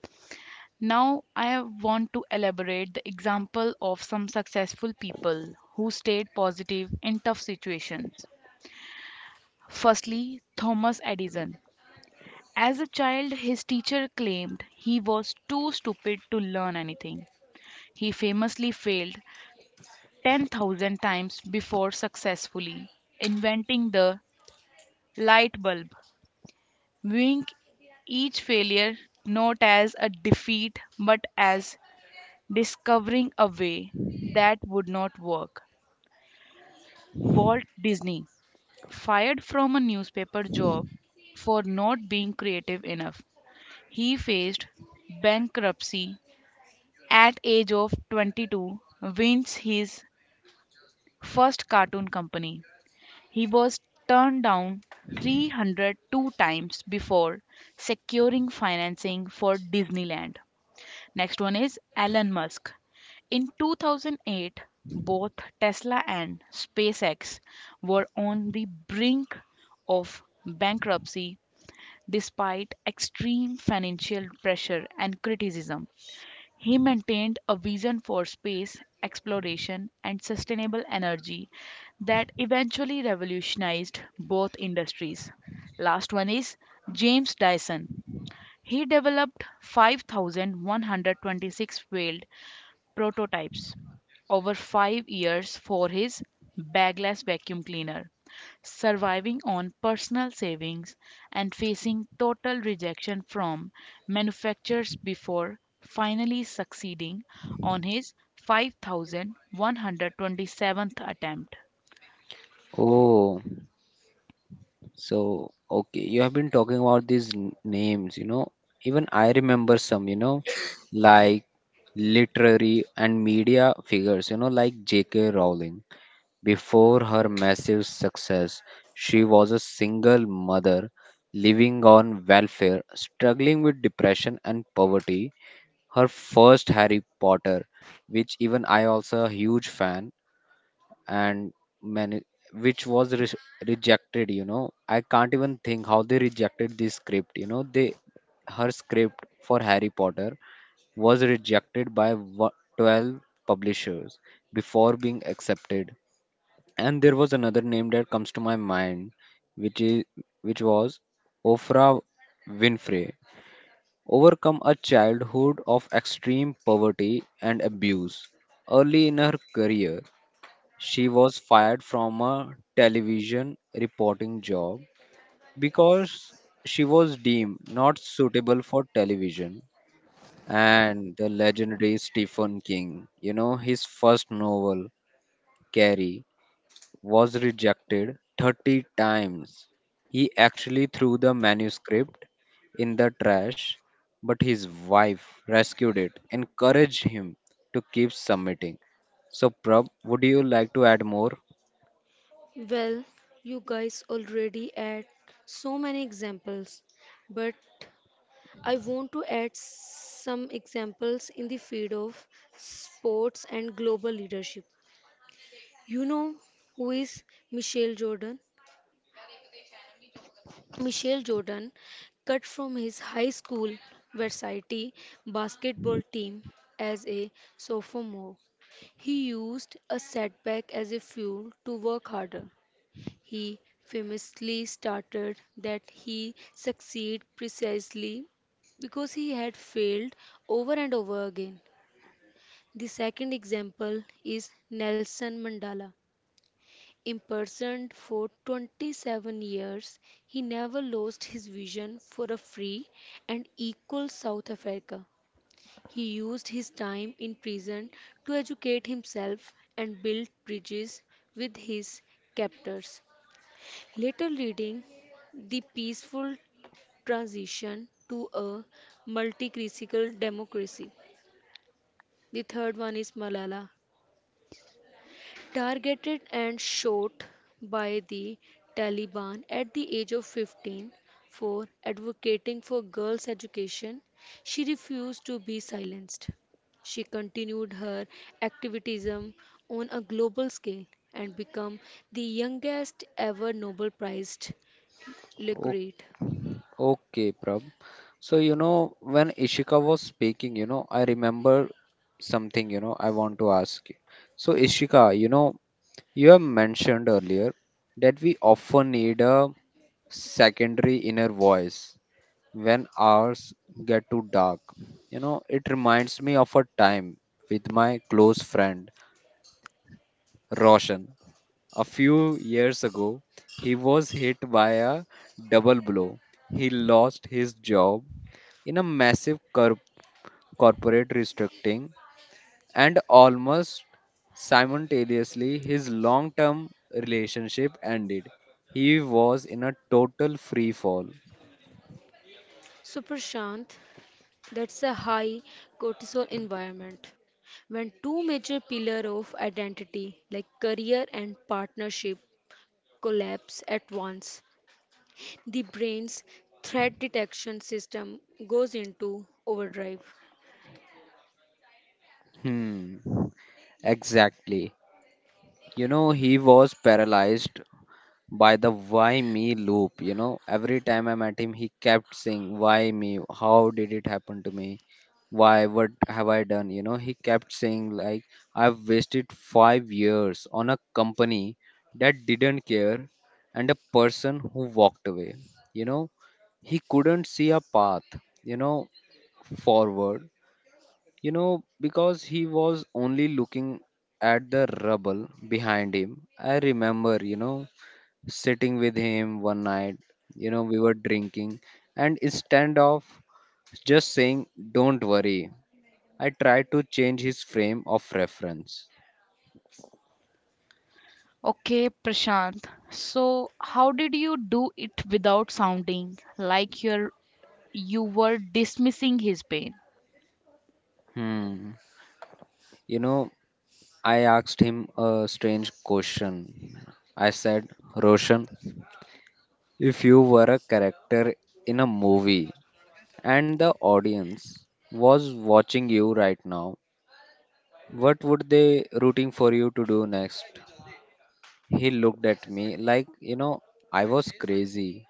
now, I want to elaborate the example of some successful people who stayed positive in tough situations. Firstly, Thomas Edison. As a child, his teacher claimed he was too stupid to learn anything. He famously failed ten thousand times before successfully inventing the light bulb, viewing each failure not as a defeat but as discovering a way that would not work. Walt Disney, fired from a newspaper job for not being creative enough. He faced bankruptcy at age of twenty-two, wins his first cartoon company. He was turned down three hundred two times before securing financing for Disneyland. Next one is Elon Musk. In two thousand eight, both Tesla and SpaceX were on the brink of bankruptcy despite extreme financial pressure and criticism. He maintained a vision for space exploration and sustainable energy that eventually revolutionized both industries. Last one is James Dyson. He developed five thousand one hundred twenty-six failed prototypes over five years for his bagless vacuum cleaner, surviving on personal savings and facing total rejection from manufacturers before finally succeeding on his five thousand one hundred twenty-seventh attempt.
Oh, so okay, you have been talking about these n- names, you know. Even I remember some, you know, like literary and media figures, you know, like J K. Rowling. Before her massive success, she was a single mother living on welfare, struggling with depression and poverty her first Harry Potter, which even I also a huge fan and many which was re- rejected. You know, I can't even think how they rejected this script. You know, they her script for Harry Potter was rejected by wo- twelve publishers before being accepted. And there was another name that comes to my mind, which is which was Ofra Winfrey overcome a childhood of extreme poverty and abuse. Early in her career, she was fired from a television reporting job because she was deemed not suitable for television. And the legendary Stephen King, you know, his first novel, Carrie, was rejected thirty times. He actually threw the manuscript in the trash, but his wife rescued it, encouraged him to keep submitting. So, Prab, would you like to add more?
Well, you guys already add so many examples, but I want to add some examples in the field of sports and global leadership. You know who is Michelle Jordan? Michael Jordan cut from his high school varsity basketball team as a sophomore. He used a setback as a fuel to work harder. He famously started that he succeeded precisely because he had failed over and over again. The second example is Nelson Mandela. Imprisoned for twenty-seven years, he never lost his vision for a free and equal South Africa. He used his time in prison to educate himself and build bridges with his captors, later leading the peaceful transition to a multi democracy. The third one is Malala. targeted and shot by the Taliban at the age of fifteen for advocating for girls' education, she refused to be silenced. She continued her activism on a global scale and became the youngest ever Nobel Prize
O-
laureate.
Okay, Prab. So, you know, when Ishika was speaking, you know, I remember something, you know, I want to ask you. So, Ishika, you know, you have mentioned earlier that we often need a secondary inner voice when hours get too dark. You know, it reminds me of a time with my close friend Roshan. A few years ago, he was hit by a double blow. He lost his job in a massive cor- corporate restructuring and almost simultaneously his long term relationship ended. He was in a total free fall.
So, Prashant, that's a high cortisol environment when two major pillars of identity like career and partnership collapse at once. The brain's threat detection system goes into overdrive.
Hmm. Exactly. You know, he was paralyzed by the why me loop. You know, every time I met him, he kept saying, "Why me? How did it happen to me? Why? What have I done?" You know, he kept saying, like, "I've wasted five years on a company that didn't care and a person who walked away." You know, he couldn't see a path, you know, forward. You know, because he was only looking at the rubble behind him. I remember, you know, sitting with him one night, you know, we were drinking, and instead of just saying, "Don't worry," I tried to change his frame of reference.
Okay, Prashant. So, how did you do it without sounding like you're you were dismissing his pain.
Hmm. You know, I asked him a strange question. I said, "Roshan, if you were a character in a movie, and the audience was watching you right now, what would they rooting for you to do next?" He looked at me like, you know, I was crazy,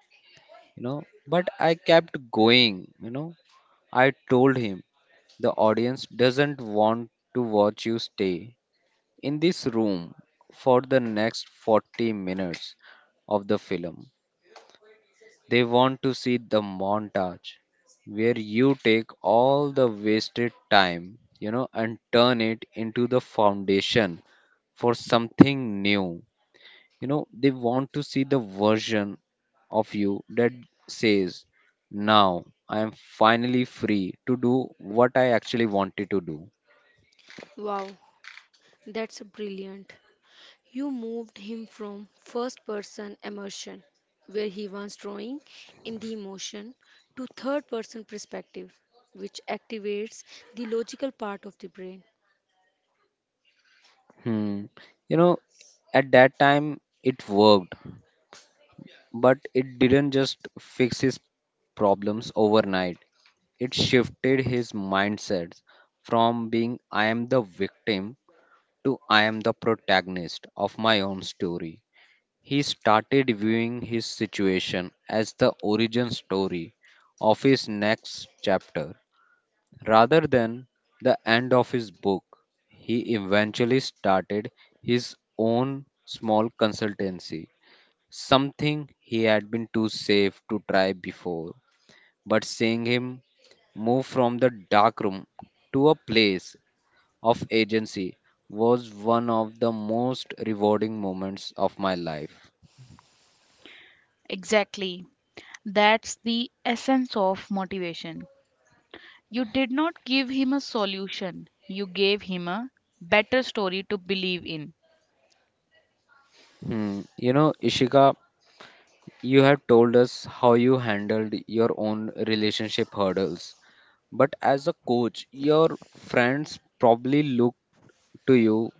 you know, but I kept going, you know. I told him the audience doesn't want to watch you stay in this room for the next forty minutes of the film. They want to see the montage where you take all the wasted time, you know, and turn it into the foundation for something new. You know, they want to see the version of you that says, "Now I am finally free to do what I actually wanted to do."
Wow, that's brilliant. You moved him from first person immersion, where he was drawing in the emotion, to third person perspective, which activates the logical part of the brain.
Hmm. You know, at that time it worked, but it didn't just fix his problems overnight. It shifted his mindset from being I am the victim to I am the protagonist of my own story. He started viewing his situation as the origin story of his next chapter rather than the end of his book. He eventually started his own small consultancy, something he had been too safe to try before. But seeing him move from the dark room to a place of agency was one of the most rewarding moments of my life.
Exactly. That's the essence of motivation. You did not give him a solution, you gave him a better story to believe in.
Hmm. You know, Ishika, you have told us how you handled your own relationship hurdles. But as a coach, your friends probably look to you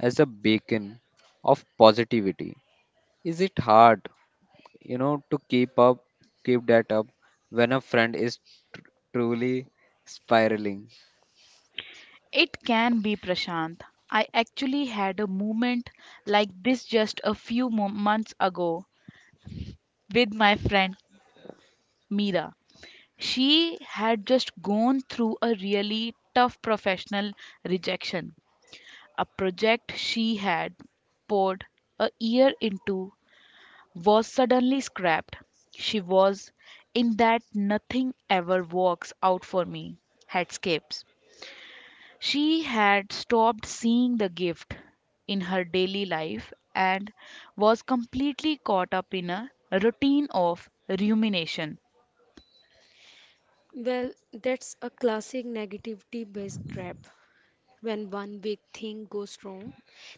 as a beacon of positivity. Is it hard you know to keep up keep that up when a friend is tr- truly spiraling?
It can be, Prashant. I actually had a moment like this just a few mo- months ago with my friend Mira. She had just gone through a really tough professional rejection. A project she had poured a year into was suddenly scrapped. She was in that nothing ever works out for me headspace. She had stopped seeing the gift in her daily life and was completely caught up in a routine of rumination.
Well, that's a classic negativity based trap. When one big thing goes wrong,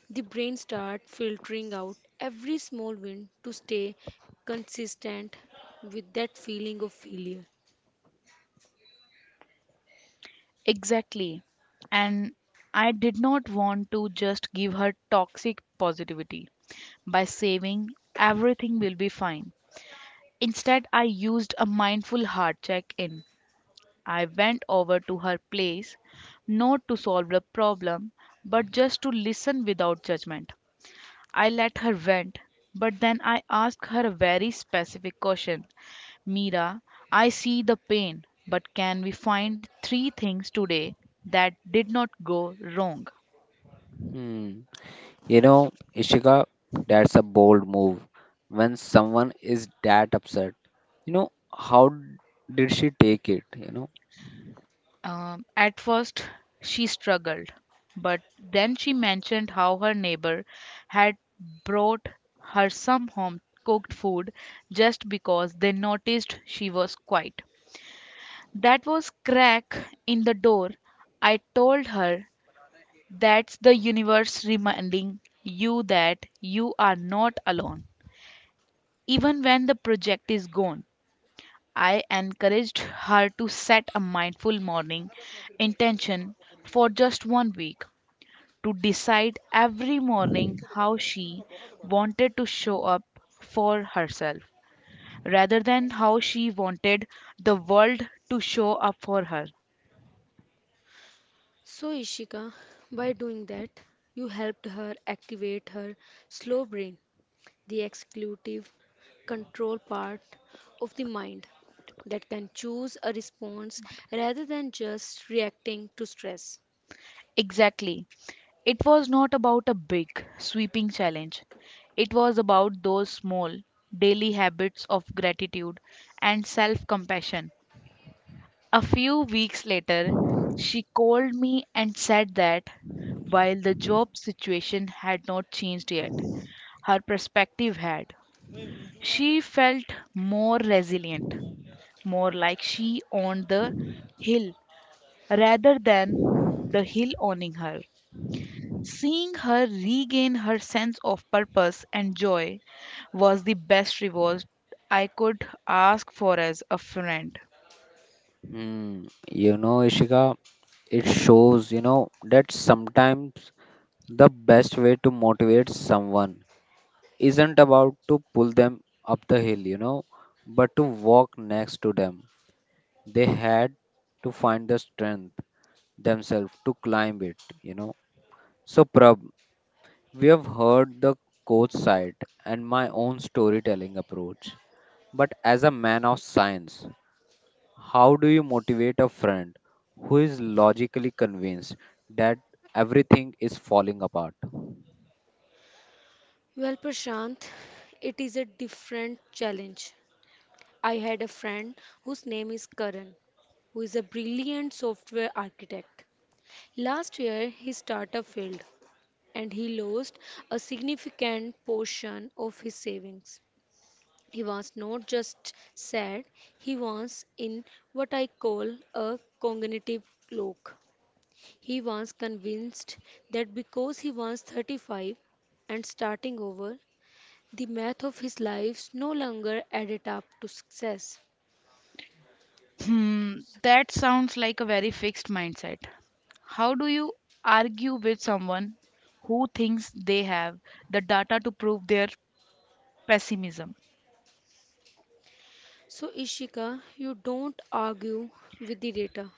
the brain starts filtering out every small win to stay consistent with that feeling of failure.
Exactly. And I did not want to just give her toxic positivity by saying everything will be fine. Instead, I used a mindful heart check in. I went over to her place, not to solve the problem, but just to listen without judgment. I let her vent, but then I asked her a very specific question. Mira, I see the pain, but can we find three things today that did not go wrong?
Hmm. You know, Ishika, that's a bold move when someone is that upset. You know, how did she take it, you know?
Um, at first, she struggled, but then she mentioned how her neighbor had brought her some home cooked food just because they noticed she was quiet. That was crack in the door. I told her, that's the universe reminding you that you are not alone. Even when the project is gone, I encouraged her to set a mindful morning intention for just one week to decide every morning how she wanted to show up for herself rather than how she wanted the world to show up for her.
So, Ishika, by doing that, you helped her activate her slow brain, the executive control part of the mind that can choose a response rather than just reacting to stress.
Exactly. It was not about a big, sweeping challenge. It was about those small, daily habits of gratitude and self compassion. A few weeks later, she called me and said that while the job situation had not changed yet, her perspective had. She felt more resilient, more like she owned the hill rather than the hill owning her. Seeing her regain her sense of purpose and joy was the best reward I could ask for as a friend.
Hmm. You know, Ishika, it shows, you know, that sometimes the best way to motivate someone isn't about to pull them up the hill, you know, but to walk next to them. They had to find the strength themselves to climb it, you know. So, Prab, we have heard the coach side and my own storytelling approach, but as a man of science, how do you motivate a friend who is logically convinced that everything is falling apart?
Well, Prashant, it is a different challenge I had a friend whose name is Karan, who is a brilliant software architect. Last year, his startup failed and he lost a significant portion of his savings. He was not just sad, he was in what I call a cognitive lock. He was convinced that because he was thirty-five and starting over, the math of his life no longer added up to success.
Hmm, that sounds like a very fixed mindset. How do you argue with someone who thinks they have the data to prove their pessimism?
So, Ishika, you don't argue with the data,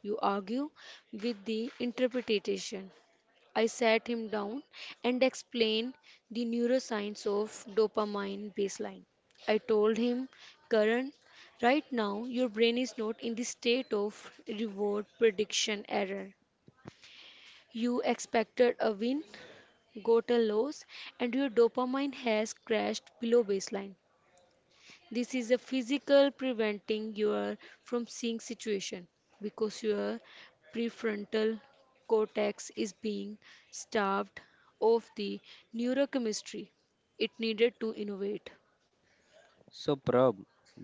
you argue with the interpretation. I sat him down and explained the neuroscience of dopamine baseline. I told him, Karan, right now your brain is not in the state of reward prediction error. You expected a win, got a loss, and your dopamine has crashed below baseline. This is a physical preventing you from seeing situation because your prefrontal cortex is being starved of the neurochemistry it needed to innovate.
So, Prab,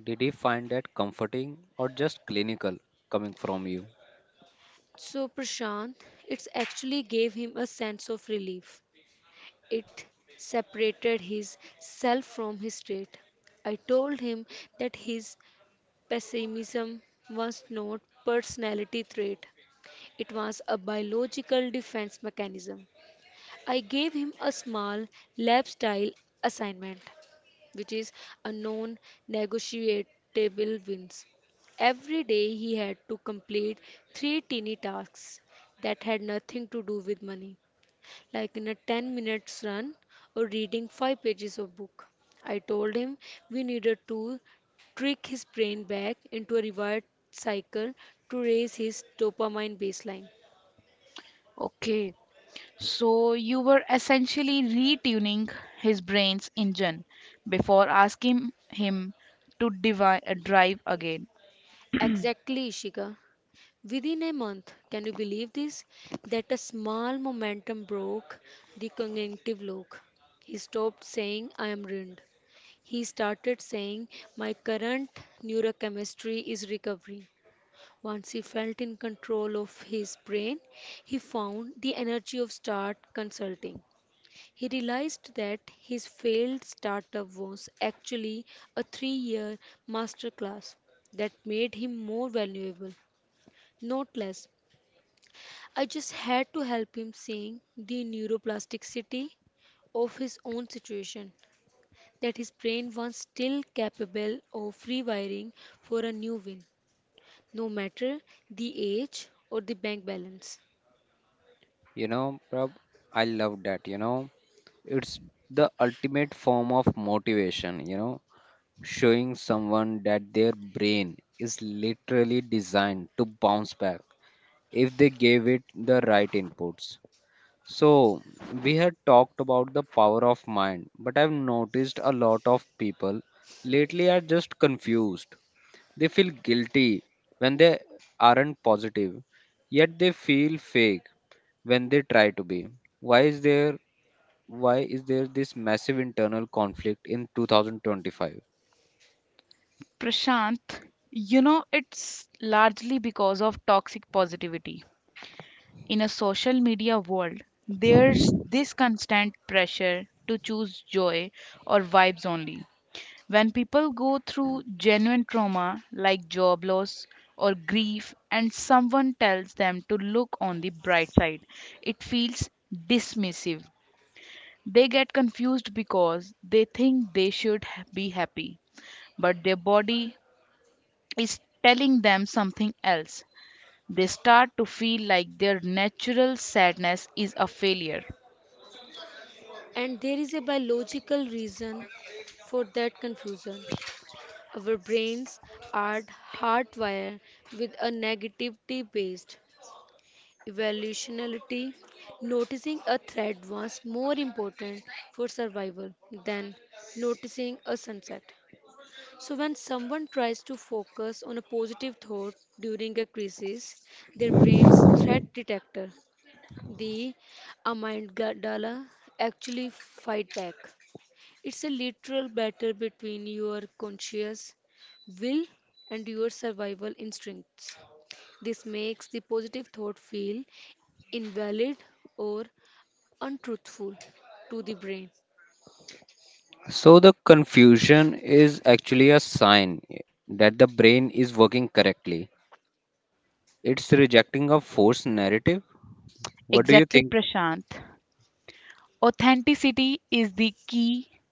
did he find that comforting or just clinical coming from you?
So Prashant, it actually gave him a sense of relief. It separated his self from his state. I told him that his pessimism was not personality trait. It was a biological defense mechanism. I gave him a small lab style assignment, which is a non negotiable wins. Every day he had to complete three teeny tasks that had nothing to do with money, like in a ten minutes run or reading five pages of book. I told him we needed to trick his brain back into a reward cycle to raise his dopamine baseline.
Okay, so you were essentially retuning his brain's engine before asking him to divi- uh, drive again.
Exactly, Ishika. Within a month, can you believe this? That a small momentum broke the cognitive lock. He stopped saying, "I am ruined." He started saying, "My current neurochemistry is recovering." Once he felt in control of his brain, he found the energy of start consulting. He realized that his failed startup was actually a three-year masterclass that made him more valuable, not less. I just had to help him seeing the neuroplasticity of his own situation, that his brain was still capable of rewiring for a new win, no matter the age or the bank balance.
You know, Prab, I love that, you know. It's the ultimate form of motivation, you know, showing someone that their brain is literally designed to bounce back if they gave it the right inputs. So, we had talked about the power of mind, but I've noticed a lot of people lately are just confused. They feel guilty when they aren't positive, yet they feel fake when they try to be. Why is there why is there this massive internal conflict in two thousand twenty-five?
Prashant, you know, it's largely because of toxic positivity. In a social media world, there's this constant pressure to choose joy or vibes only. When people go through genuine trauma like job loss or grief, and someone tells them to look on the bright side, it feels dismissive. They get confused because they think they should ha- be happy, but their body is telling them something else. They start to feel like their natural sadness is a failure.
And there is a biological reason for that confusion. Our brains are hardwired with a negativity based evolutionality, noticing a threat was more important for survival than noticing a sunset. So, when someone tries to focus on a positive thought during a crisis, their brain's threat detector, the amygdala, actually fight back. It's a literal battle between your conscious will and your survival instincts. This makes the positive thought feel invalid or untruthful to the brain.
So the confusion is actually a sign that the brain is working correctly. It's rejecting a forced narrative. What do you
Exactly,
think?
Prashant. Authenticity is the key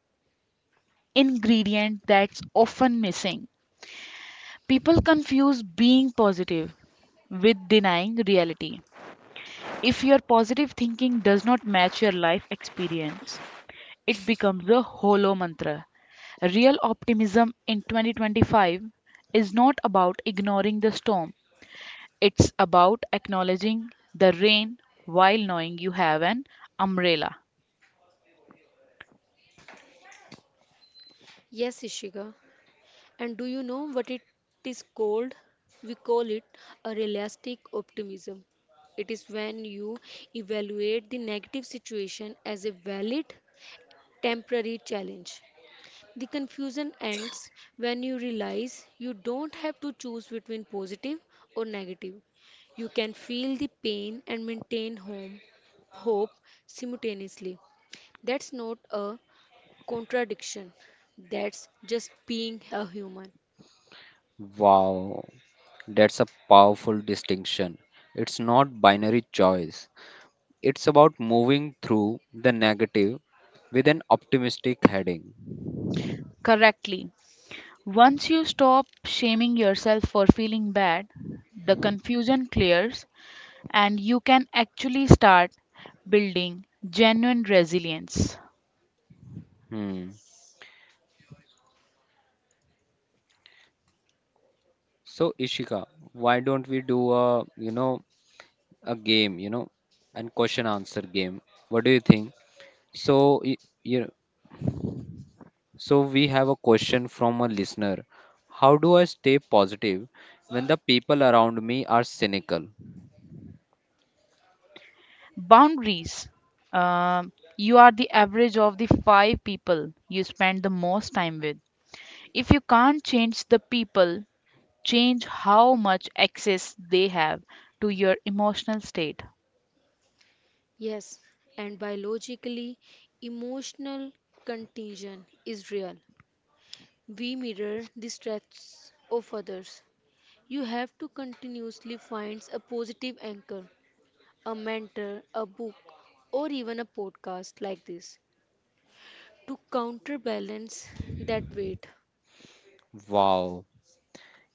ingredient that's often missing. People confuse being positive with denying reality. If your positive thinking does not match your life experience, it becomes a hollow mantra. Real optimism in twenty twenty-five is not about ignoring the storm. It's about acknowledging the rain while knowing you have an umbrella.
Yes, Ishika. And do you know what it is called? We call it a realistic optimism. It is when you evaluate the negative situation as a valid temporary challenge The confusion ends when you realize you don't have to choose between positive or negative. You can feel the pain and maintain home, hope simultaneously. That's not a contradiction, that's just being a human.
Wow, that's a powerful distinction. It's not binary choice. It's about moving through the negative with an optimistic heading.
Correctly. Once you stop shaming yourself for feeling bad, the confusion clears and you can actually start building genuine resilience.
Hmm. So, Ishika, why don't we do a, you know, a game, you know, and question answer game. What do you think? So, y- you know, so we have a question from a listener. How do I stay positive when the people around me are cynical?
Boundaries. Um, you are the average of the five people you spend the most time with. If you can't change the people, change how much access they have to your emotional state.
Yes, and biologically, emotional contagion is real. We mirror the stress of others. You have to continuously find a positive anchor. a mentor, a book, or even a podcast like this to counterbalance that weight.
Wow.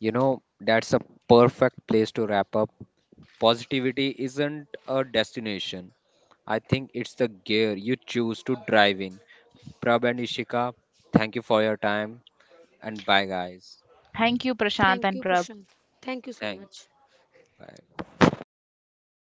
You know, that's a perfect place to wrap up. Positivity isn't a destination. I think it's the gear you choose to drive in. Prab and Ishika, thank you for your time and bye guys.
Thank you, Prashant
Thank
and
you,
Prab.
Prashant. Thank you so
Thank
much.
bye.